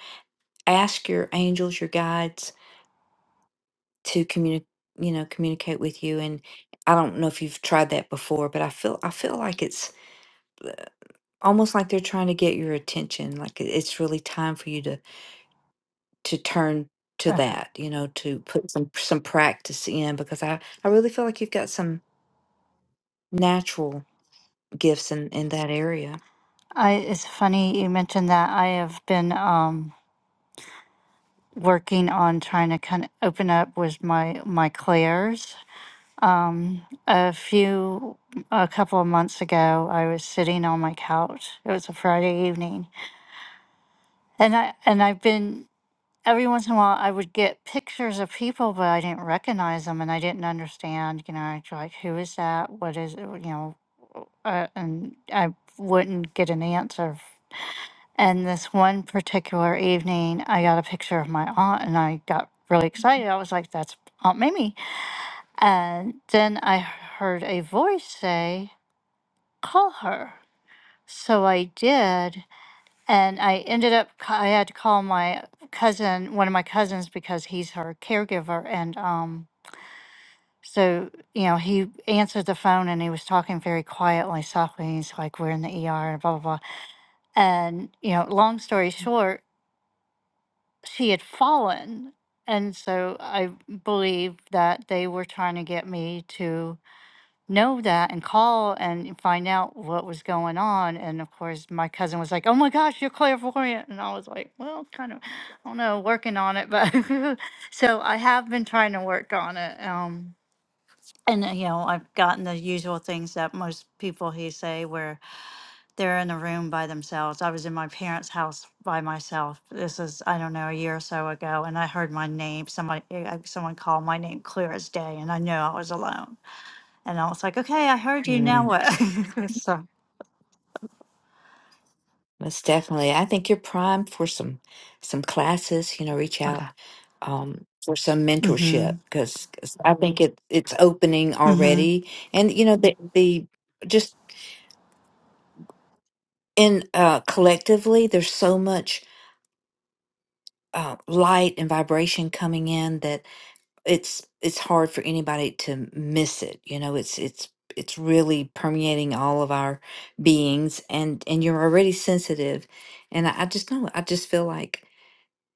ask your angels, your guides to communicate you know communicate with you and I don't know if you've tried that before, but I feel I feel like it's almost like they're trying to get your attention, like it- it's really time for you to to turn to
Okay.
that, you know, to put some some practice in because I I really feel like you've got some natural gifts in in that area.
I. It's funny you mentioned that. I have been um working on trying to kind of open up with my my clairs. Um, a few, a couple of months ago, I was sitting on my couch. It was a Friday evening, And I and I've been every once in a while I would get pictures of people, but I didn't recognize them, and I didn't understand. You know, I'd be like who is that? What is it? You know, uh, and I wouldn't get an answer. And this one particular evening, I got a picture of my aunt, and I got really excited. I was like, "That's Aunt Mimi." And then I heard a voice say, "Call her." So I did, and I ended up, I had to call my cousin, one of my cousins, because he's her caregiver. And um, so, you know, he answered the phone and he was talking very quietly, softly. And he's like, We're in the ER and blah, blah, blah. And, you know, long story short, she had fallen. And so I believe that they were trying to get me to know that and call and find out what was going on. And of course, my cousin was like, "Oh my gosh, you're clairvoyant," and I was like, "Well, kind of, I don't know, working on it." But so I have been trying to work on it. Um, and uh, you know, I've gotten the usual things that most people he say where they're in a room by themselves. I was in my parents' house by myself. This is I don't know a year or so ago, and I heard my name. Somebody, uh, someone called my name clear as day, and I knew I was alone and I was like, okay, I heard you. Now
Mm,
what? so,
most definitely. I think you're primed for some some classes, you know, reach
okay.
out um for some
Mm-hmm.
mentorship because I think it it's opening
Mm-hmm.
already. And you know, the the just in uh collectively there's so much uh light and vibration coming in that it's it's hard for anybody to miss it. You know, it's it's it's really permeating all of our beings and and you're already sensitive. And I, I just know I just feel like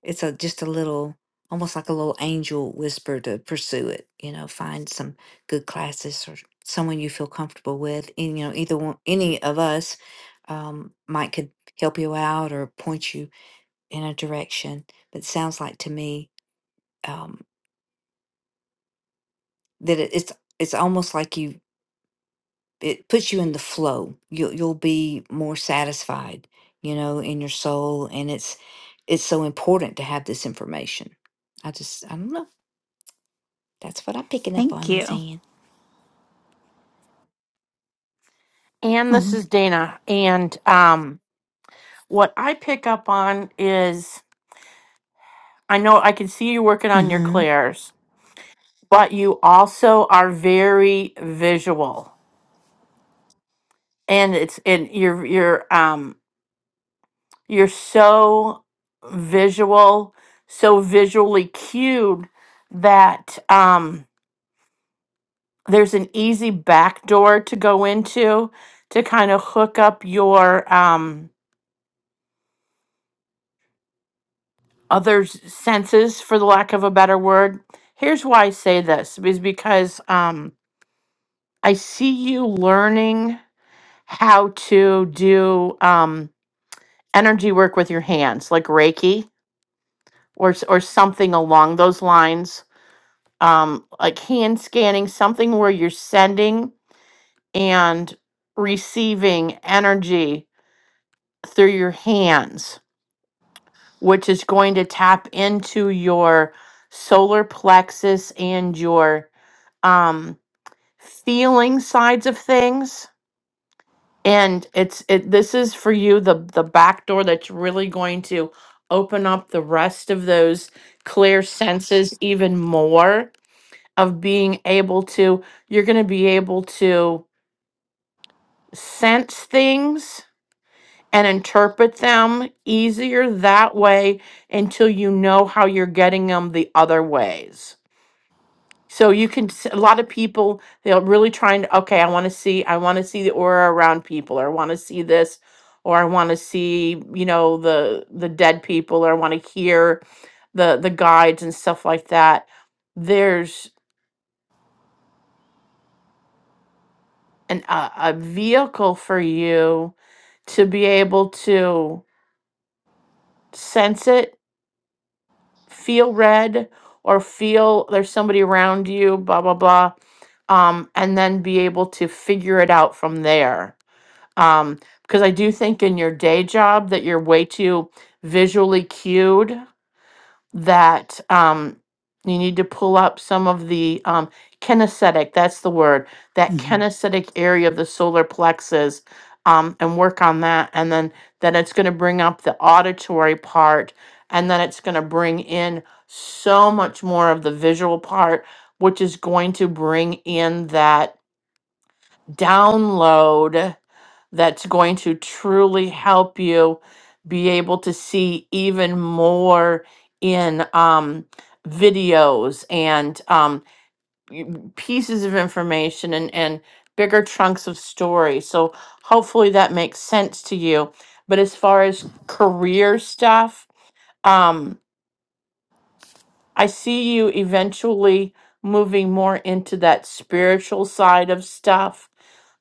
It's a just a little, almost like a little angel whisper to pursue it. You know, find some good classes or someone you feel comfortable with. And you know, either one, any of us um, might could help you out or point you in a direction. But it sounds like to me um, that it, it's it's almost like you it puts you in the flow. You'll you'll be more satisfied, you know, in your soul, and it's it's so important to have this information. I just I don't know. That's what I'm picking up
Thank
on,
you.
Miss Ann.
Anne, this
Mm-hmm.
is Dana. And um, what I pick up on is I know I can see you working on your
Mm-hmm.
clairs, but you also are very visual, and it's and you're you're um you're so visual, so visually cued that um there's an easy back door to go into to kind of hook up your um, other s- senses, for the lack of a better word. Here's why I say this is because um, I see you learning how to do um, energy work with your hands, like Reiki or s- or something along those lines, um, like hand scanning, something where you're sending and receiving energy through your hands which is going to tap into your solar plexus and your um feeling sides of things and it's it this is for you the the back door that's really going to open up the rest of those clear senses even more of being able to you're going to be able to sense things and interpret them easier that way until you know how you're getting them the other ways. So you can s- a lot of people they're really trying to okay, I want to see I want to see the aura around people or I want to see this or I want to see, you know, the the dead people or I want to hear the the guides and stuff like that. There's an a, a vehicle for you to be able to sense it feel read or feel there's somebody around you, blah, blah, blah, um, and then be able to figure it out from there. Um, because I do think in your day job that you're way too visually cued that um, you need to pull up some of the um, kinesthetic, that's the word, that
hmm
kinesthetic area of the solar plexus um, and work on that. And then, then it's going to bring up the auditory part and then it's going to bring in so much more of the visual part, which is going to bring in that download that's going to truly help you be able to see even more in um, videos and um, y- pieces of information and, and bigger chunks of story. So hopefully that makes sense to you. But as far as career stuff, um, I see you eventually moving more into that spiritual side of stuff.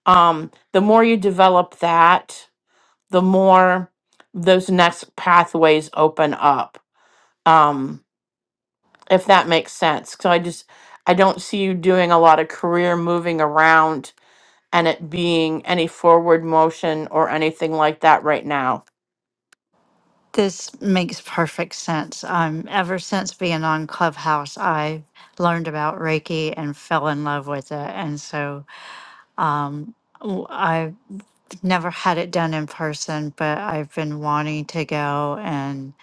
Um, the more you develop that, the more those next pathways open up um if that makes sense so i just i don't see you doing a lot of career moving around and it being any forward motion or anything like that right now
This makes perfect sense. Um, ever since being on Clubhouse, I learned about Reiki and fell in love with it. And so, um, w- I've never had it done in person, but I've been wanting to go and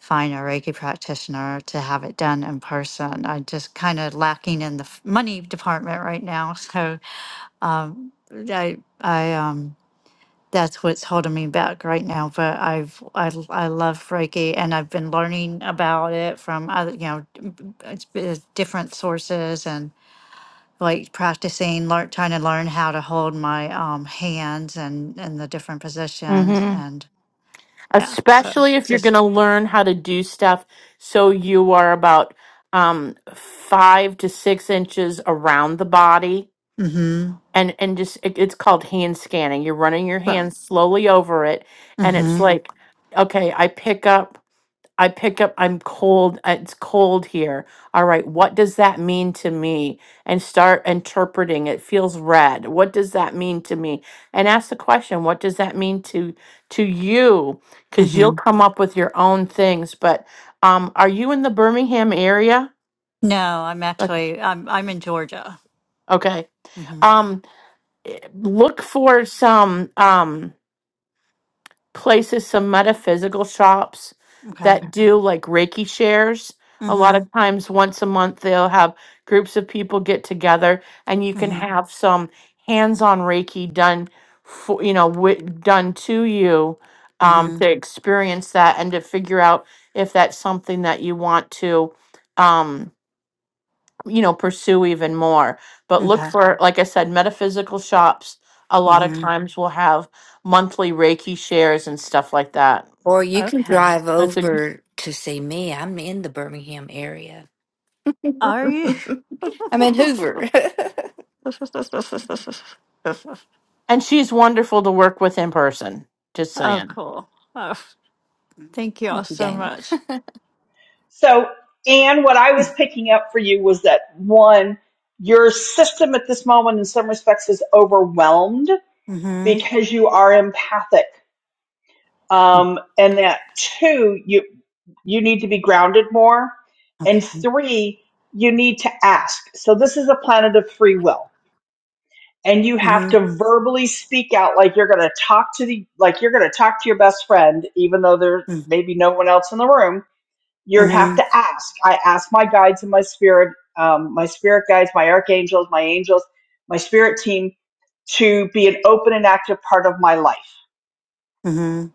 find a Reiki practitioner to have it done in person. I'm just kind of lacking in the f- money department right now. So Um, I, I, um, that's what's holding me back right now. But I've, I, l- I love Reiki, and I've been learning about it from other, you know, d- b- it's b- different sources and like practicing, learn, trying to learn how to hold my um hands and and the different positions
hmm
and yeah. So
especially if you're going
just
to learn how to do stuff so you are about um five to six inches around the body
mm-hmm.
and and just it, it's called hand scanning you're running your hands slowly over it and it's Mhm.
mm-hmm.
like okay i pick up i pick up i'm cold uh, it's cold here all right what does that mean to me and start interpreting it feels red what does that mean to me and ask the question what does that mean to to you because
Mm-hmm.
you'll come up with your own things but um are you in the birmingham area
No, I'm
okay
actually I'm I'm in Georgia.
okay.
Mm-hmm.
um eh, look for some um places, some metaphysical shops
Okay.
that do like Reiki shares. A lot
Mm-hmm.
of times, once a month, they'll have groups of people get together, and you can
Mm-hmm.
have some hands-on Reiki done for you know with, done to you um, to
Mm-hmm.
experience that and to figure out if that's something that you want to. Um, you know, pursue even more. But look
Okay.
for, like I said, metaphysical shops a lot of
Mm-hmm.
times will have monthly Reiki shares and stuff like that.
Or you can
Okay.
drive
That's a
over to see me. I'm in the Birmingham area.
Are you?
I'm in
oh,
Hoover. Thank
and she's wonderful to work with in person. Just saying.
cool. Oh, thank you all
you,
so
Dana.
much.
So, Anne, what I was picking up for you was that one, your system at this moment in some respects is overwhelmed
Mm-hmm.
because you are empathic. um, and that two you you need to be grounded more and
Okay.
three you need to ask so this is a planet of free will and you have
Mm-hmm.
to verbally speak out like you're going to talk to the like you're going to talk to your best friend even though there may be no one else in the room you have
Mm-hmm.
to ask i ask my guides and my spirit um, my spirit guides my archangels my angels my spirit team to be an open and active part of my life
Mm-hmm.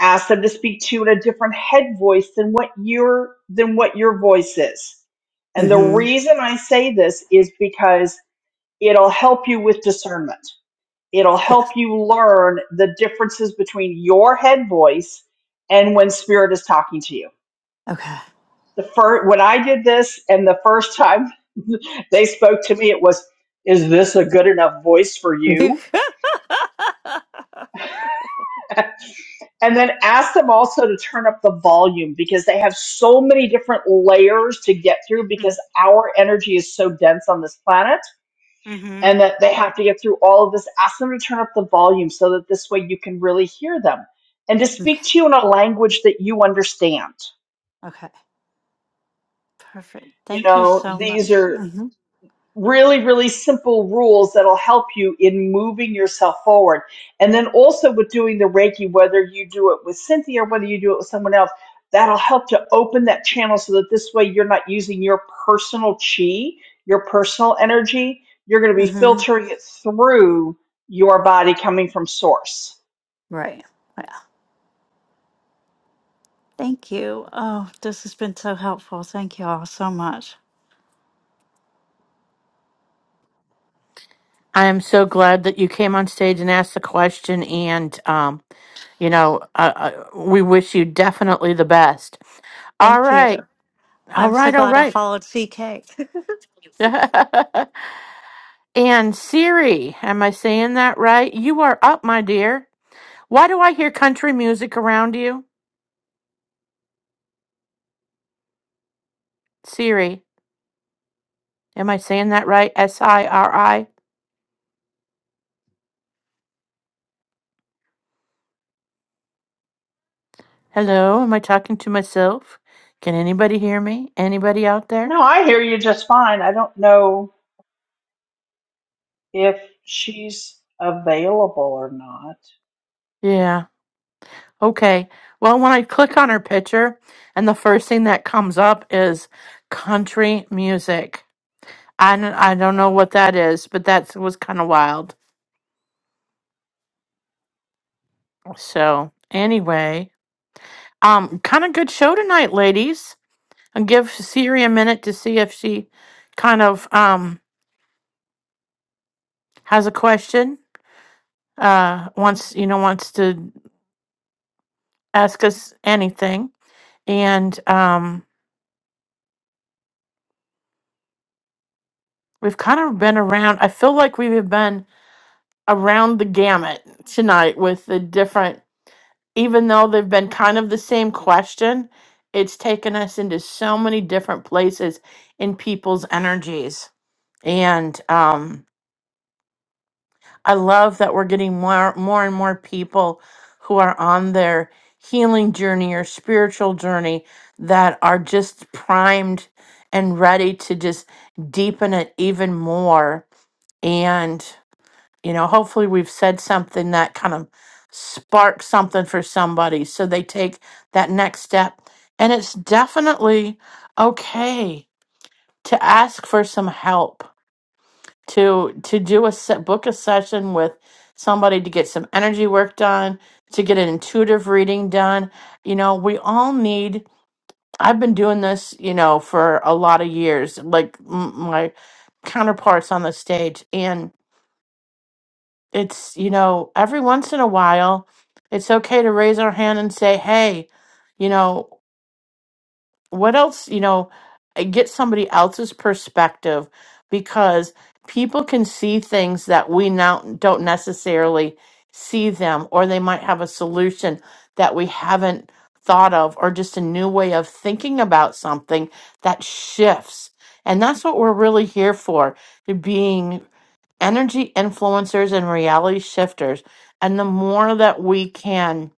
ask them to speak to you in a different head voice than what your than what your voice is and the
Mm-hmm.
reason i say this is because it'll help you with discernment it'll help
Yes.
you learn the differences between your head voice and when spirit is talking to you
Okay.
the first when i did this and the first time they spoke to me it was is this a good enough voice for you And then ask them also to turn up the volume because they have so many different layers to get through because our energy is so dense on this planet
mm-hmm.
and that they have to get through all of this. Ask them to turn up the volume so that this way you can really hear them and to
Okay.
speak to you in a language that you understand.
Okay. Perfect.
You
Thank you
know,
so
these
much.
are
Mm-hmm.
really, really simple rules that'll help you in moving yourself forward. And then also with doing the Reiki, whether you do it with Cynthia or whether you do it with someone else, that'll help to open that channel so that this way you're not using your personal chi, your personal energy. You're going to be
Mm-hmm.
filtering it through your body coming from source.
Right. Yeah. Thank you. Oh, this has been so helpful. Thank you all so much.
I am so glad that you came on stage and asked the question and um you know, uh, uh, we wish you definitely the best. All
Thank you.
right. All
I'm so
right. All
glad I
right.
followed CK.
and Siri, am I saying that right? You are up, my dear. Why do I hear country music around you? Siri, am I saying that right? S I R I. Hello, am I talking to myself? Can anybody hear me? Anybody out there?
No, I hear you just fine. I don't know if she's available or not.
Yeah. Okay. Well, when I click on her picture, and the first thing that comes up is country music. I, n- I don't know what that is, but that was kind of wild. So anyway, um, kind of good show tonight, ladies. And give Siri a minute to see if she kind of um has a question. Uh, wants you know wants to ask us anything, and um, we've kind of been around. I feel like we've been around the gamut tonight with the different even though they've been kind of the same question, it's taken us into so many different places in people's energies. And um, I love that we're getting more, more and more people who are on their healing journey or spiritual journey that are just primed and ready to just deepen it even more. And you know, hopefully we've said something that kind of sparks something for somebody so they take that next step. And it's definitely okay to ask for some help, to to do a set, book a session with somebody to get some energy work done, to get an intuitive reading done. You know, we all need I've been doing this, you know, for a lot of years, like m- my counterparts on the stage and it's you know every once in a while it's okay to raise our hand and say hey you know what else you know and get somebody else's perspective because people can see things that we now don't necessarily see them or they might have a solution that we haven't thought of or just a new way of thinking about something that shifts and that's what we're really here for being energy influencers and reality shifters. And the more that we can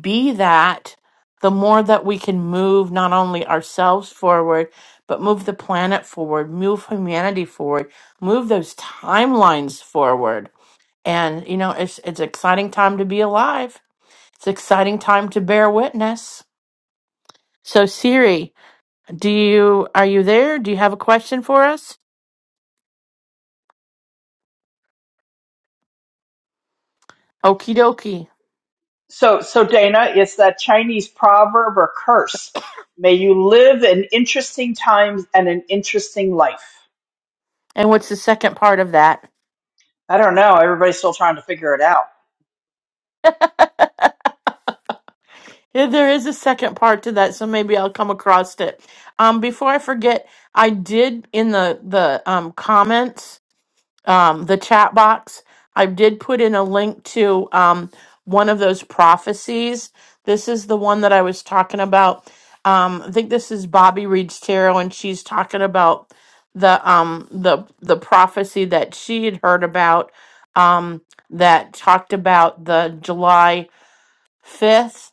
be that, the more that we can move not only ourselves forward, but move the planet forward, move humanity forward, move those timelines forward. And you know, it's it's an exciting time to be alive. It's an exciting time to bear witness. So Siri, do you are you there? Do you have a question for us? Okie dokie.
So, so Dana, it's that Chinese proverb or curse. May you live in interesting times and an interesting life.
And what's the second part of that?
I don't know. Everybody's still trying to figure it out.
Yeah, there is a second part to that, so maybe I'll come across it. Um, before I forget, I did in the the um, comments, um, the chat box, I did put in a link to um, one of those prophecies. This is the one that I was talking about. Um, I think this is Bobby Reed's tarot, and she's talking about the um the the prophecy that she had heard about um that talked about the July fifth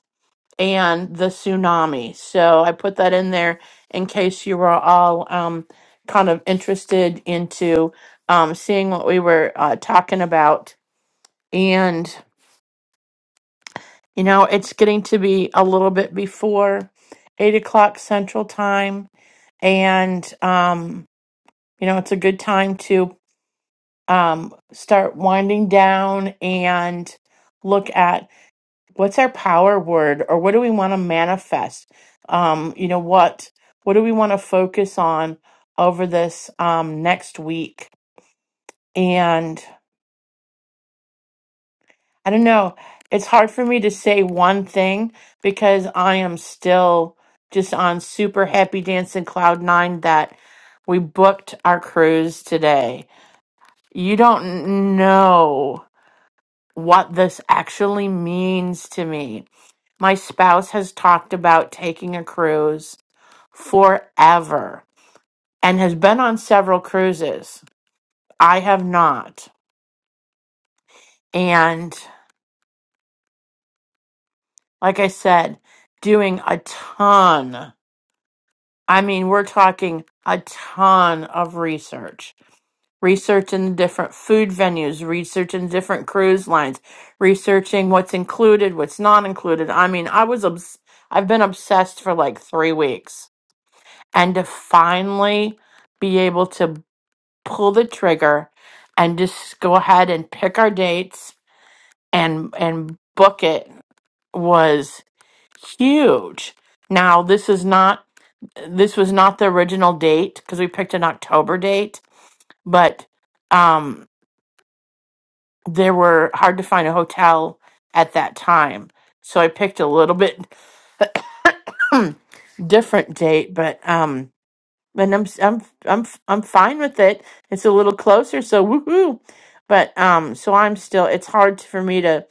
and the tsunami. So I put that in there in case you were all um, kind of interested into um, seeing what we were uh, talking about. And, you know, it's getting to be a little bit before eight o'clock central time. And, um, you know, it's a good time to um, start winding down and look at what's our power word or what do we want to manifest um you know what what do we want to focus on over this um next week and i don't know it's hard for me to say one thing because i am still just on super happy dancing cloud nine that we booked our cruise today you don't know what this actually means to me my spouse has talked about taking a cruise forever and has been on several cruises. I have not. And like I said, doing a ton. I mean, we're talking a ton of research. Research in the different food venues, research in different cruise lines, researching what's included, what's not included. I mean, I was obs- I've been obsessed for like 3 weeks and to finally be able to pull the trigger and just go ahead and pick our dates and and book it was huge. Now this is not this was not the original date because we picked an October date, but um there were hard to find a hotel at that time. So I picked a little bit different date, but um and I'm I'm I'm I'm fine with it. It's a little closer, so woohoo. But um so I'm still it's hard for me to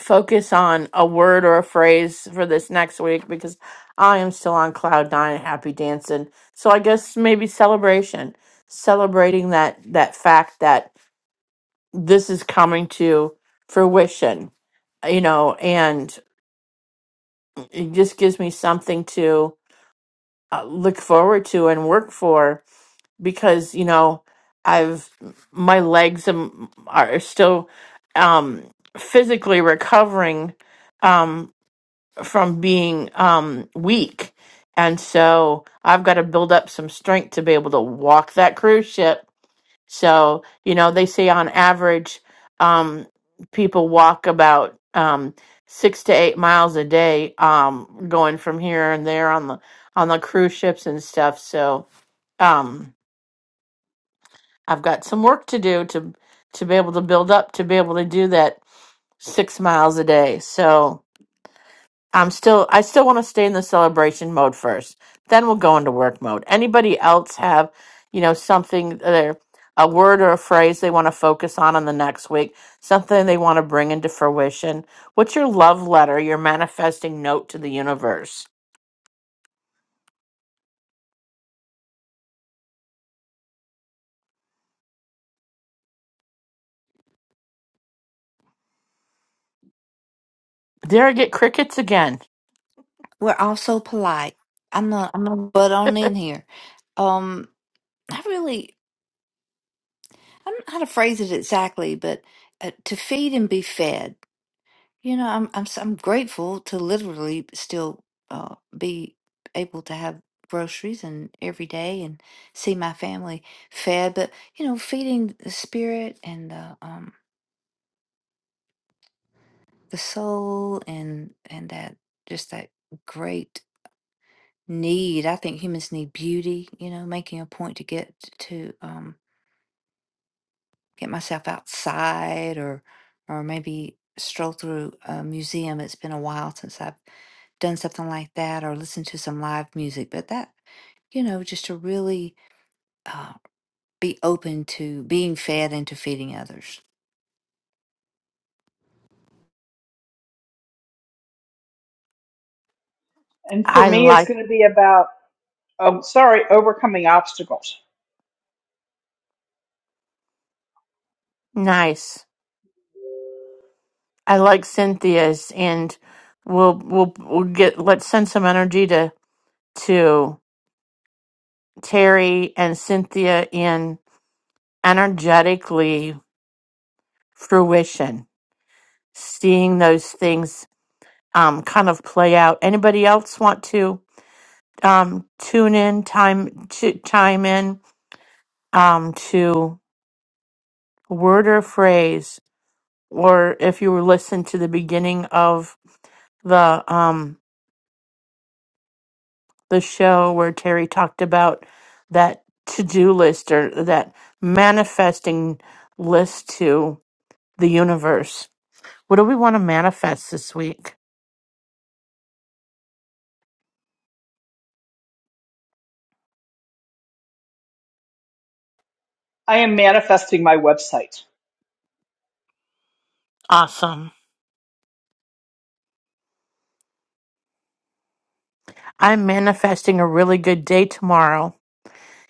focus on a word or a phrase for this next week because I am still on cloud nine, happy dancing. So I guess maybe celebration, celebrating that that fact that this is coming to fruition, you know, and it just gives me something to uh, look forward to and work for because you know I've my legs am, are still um physically recovering um, from being um weak. And so I've got to build up some strength to be able to walk that cruise ship. So, you know, they say on average, um, people walk about um six to eight miles a day, um, going from here and there on the on the cruise ships and stuff. So um I've got some work to do to to be able to build up to be able to do that six miles a day. So I'm still I still want to stay in the celebration mode first. Then we'll go into work mode. Anybody else have, you know, something there a word or a phrase they want to focus on in the next week, something they want to bring into fruition? What's your love letter, your manifesting note to the universe? There I get crickets again.
We're all so polite. I'm not. I'm gonna butt on in here. Um, I really. I don't know how to phrase it exactly, but uh, to feed and be fed. You know, I'm I'm s- I'm grateful to literally still uh, be able to have groceries and every day and see my family fed. But you know, feeding the spirit and the um the soul and and that just that great need. I think humans need beauty. You know, making a point to get to um get myself outside or or maybe stroll through a museum. It's been a while since I've done something like that or listen to some live music. But that, you know, just to really uh, be open to being fed and to feeding others.
And for
I
me, it's
like
going to be about, oh, sorry, overcoming obstacles.
nice. I like Cynthia's and we'll we'll we'll get let's send some energy to to Terry and Cynthia in energetically fruition, seeing those things um, kind of play out. Anybody else want to um, tune in, time to chime in um, to word or phrase, or if you were listening to the beginning of the um the show where Terry talked about that to-do list or that manifesting list to the universe. What do we want to manifest this week?
I am manifesting my website.
Awesome. I'm manifesting a really good day tomorrow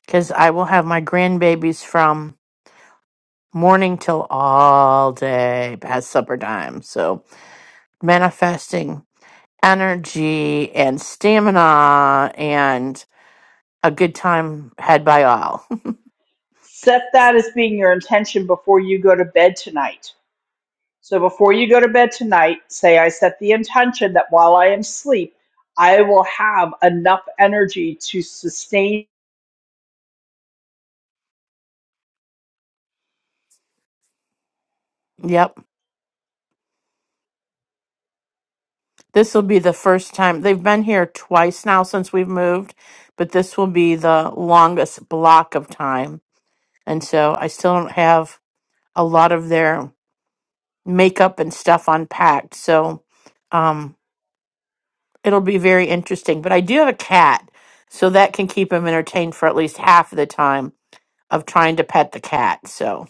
because I will have my grandbabies from morning till all day past supper time. So, manifesting energy and stamina and a good time had by all.
Set that as being your intention before you go to bed tonight. So before you go to bed tonight, say, I set the intention that while I am asleep, I will have enough energy to sustain.
yep. This will be the first time. They've been here twice now since we've moved, but this will be the longest block of time. And so I still don't have a lot of their makeup and stuff unpacked. So um, it'll be very interesting. But I do have a cat, so that can keep him entertained for at least half of the time of trying to pet the cat. So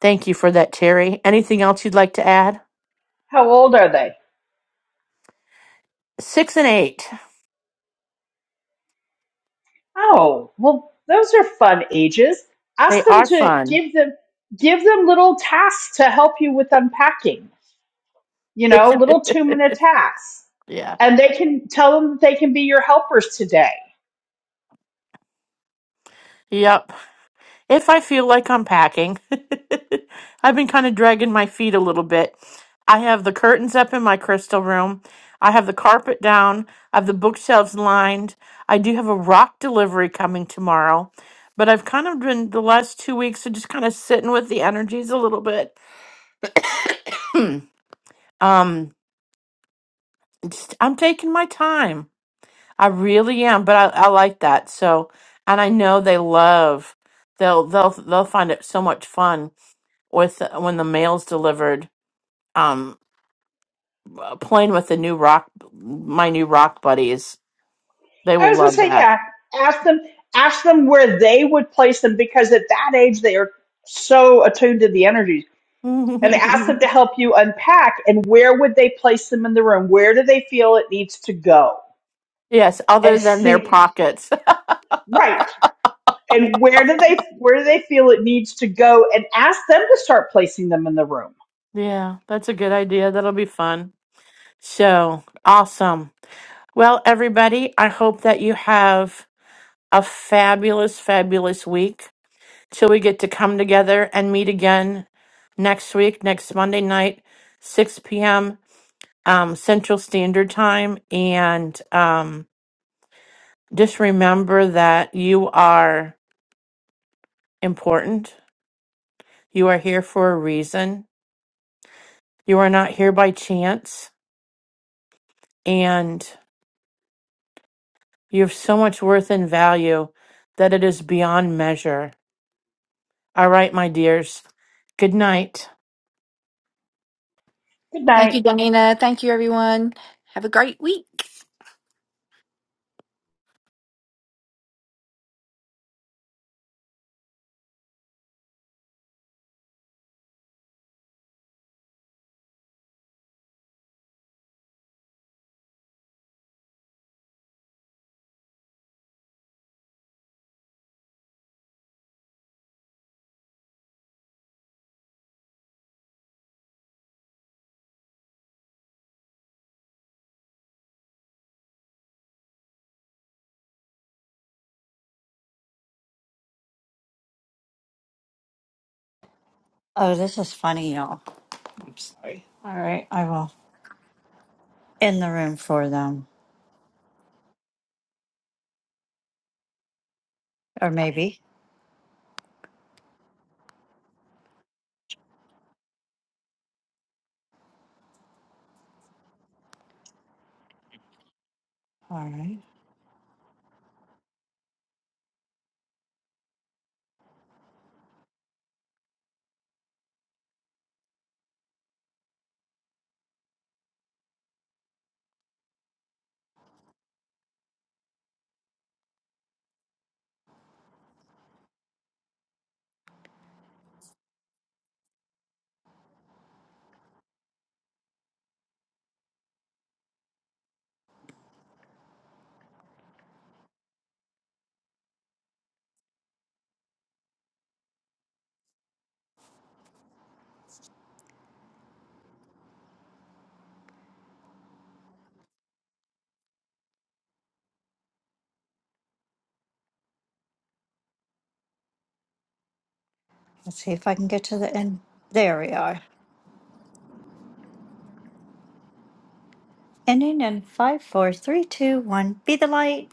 thank you for that, Terry. Anything else you'd like to add?
How old are they?
Six and eight.
Oh, well, those are fun ages. Ask
They
them
are
to
fun.
give them give them little tasks to help you with unpacking. You know, little two minute tasks,
yeah.
and they can tell them that they can be your helpers today.
Yep. If I feel like unpacking, I've been kind of dragging my feet a little bit. I have the curtains up in my crystal room. I have the carpet down. I have the bookshelves lined. I do have a rock delivery coming tomorrow. But I've kind of been the last two weeks of just kind of sitting with the energies a little bit. um, just, I'm taking my time. I really am, but I, I like that. So, and I know they love. They'll they'll they'll find it so much fun with when the mail's delivered um playing with the new rock my new rock buddies they
I
will
was gonna
love
say,
that
yeah, ask them ask them where they would place them because at that age they are so attuned to the energies. And ask them to help you unpack and where would they place them in the room? Where do they feel it needs to go?
yes other
And
than their
see,
pockets
right. and where do they where do they feel it needs to go and ask them to start placing them in the room
yeah that's a good idea that'll be fun so awesome well everybody i hope that you have a fabulous fabulous week till we get to come together and meet again next week next monday night 6 p.m um central standard time and um Just remember that you are important. You are here for a reason. You are not here by chance. And you have so much worth and value that it is beyond measure. All right, my dears. Good night.
good
Thank
night
you, Dana. Thank you, everyone. Have a great week.
oh, this is funny, y'all. All right, I will end the room for them, or maybe. All right, let's see if I can get to the end. There we are. Ending in five, four, three, two, one. Be the light.